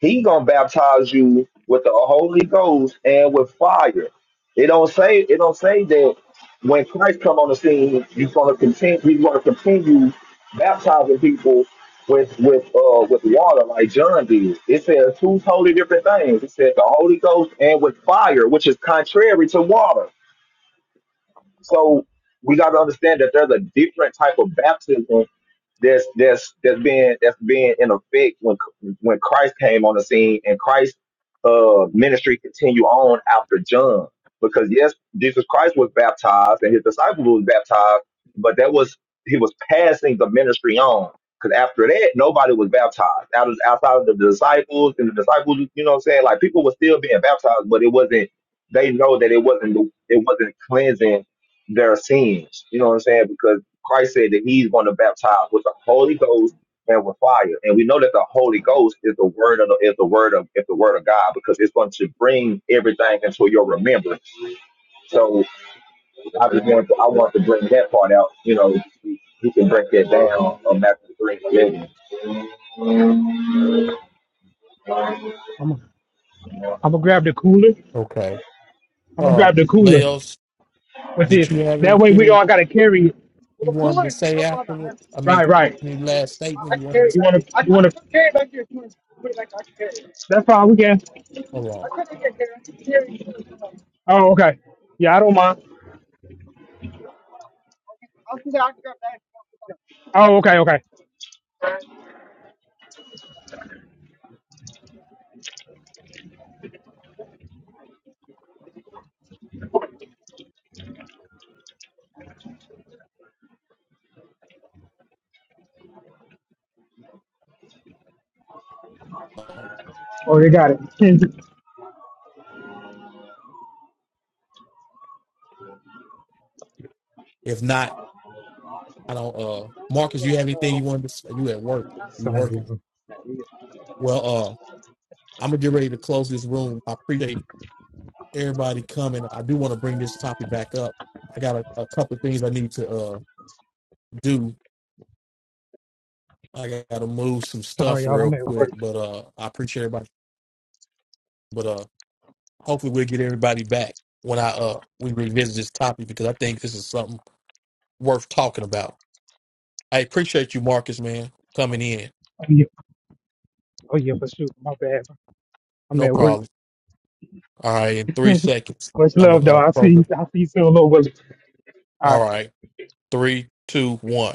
S8: he gonna baptize you with the Holy Ghost and with fire. It don't say it don't say that when Christ come on the scene, you're gonna continue he's gonna continue baptizing people with with uh with water like John did. It says two totally different things. It said the Holy Ghost and with fire, which is contrary to water. So we got to understand that there's a different type of baptism that's that's that's being that's being in effect when when Christ came on the scene and Christ's uh, ministry continued on after John because yes Jesus Christ was baptized and his disciples was baptized but that was he was passing the ministry on because after that nobody was baptized out of outside of the disciples and the disciples you know what I'm saying like people were still being baptized but it wasn't they know that it wasn't it wasn't cleansing their sins you know what I'm saying because Christ said that he's going to baptize with the Holy Ghost and with fire. And we know that the Holy Ghost is the word of the, is the word of is the word of God because it's going to bring everything into your remembrance. So I just want to I want to bring that part out. You know, you can break that down on Matthew three.
S5: I'm I'm gonna grab the cooler.
S2: Okay.
S5: I'm gonna
S2: Uh
S5: grab the cooler
S2: Laos,
S5: with
S2: Did
S5: this.
S2: you have
S5: That way we
S2: anything
S5: all gotta carry it.
S2: you wanted to say afterwards? I mean,
S5: Right, right.
S2: any last
S5: I
S2: statement you
S5: can
S2: wanted
S5: carry
S2: to
S5: it
S2: say?
S5: You want to, I, you want to. carry it back here. If you want to put it back, I can carry it. That's fine. We can. I
S2: hold
S5: could not get there. I can carry it. Oh, okay. Yeah, I don't mind. I'll see that I can grab that. Oh, okay, okay.
S2: on.
S5: Oh, they got it. [laughs]
S2: If not, I don't. Uh, Marcus, you have anything you wanted to? say? You at work? You
S5: Sorry,
S2: working?
S5: y'all.
S2: Well, uh, I'm gonna get ready to close this room. I appreciate everybody coming. I do want to bring this topic back up. I got a, a couple of things I need to uh do. I got to move some
S5: Sorry,
S2: stuff
S5: y'all.
S2: real
S5: I'm at work.
S2: quick, but uh, I appreciate everybody. But uh, hopefully we'll get everybody back when I uh we revisit this topic because I think this is something worth talking about. I appreciate you, Marcus, man, coming in.
S5: Oh yeah, oh yeah, for sure. My bad. I'm
S2: No
S5: at work.
S2: problem.
S5: [laughs]
S2: All right, in three seconds,
S5: Much
S2: I'm gonna
S5: love, though.
S2: uh,
S5: I'll see.
S2: close it.
S5: You, I'll see you soon, little Willie. All right.
S2: All right, three, two, one.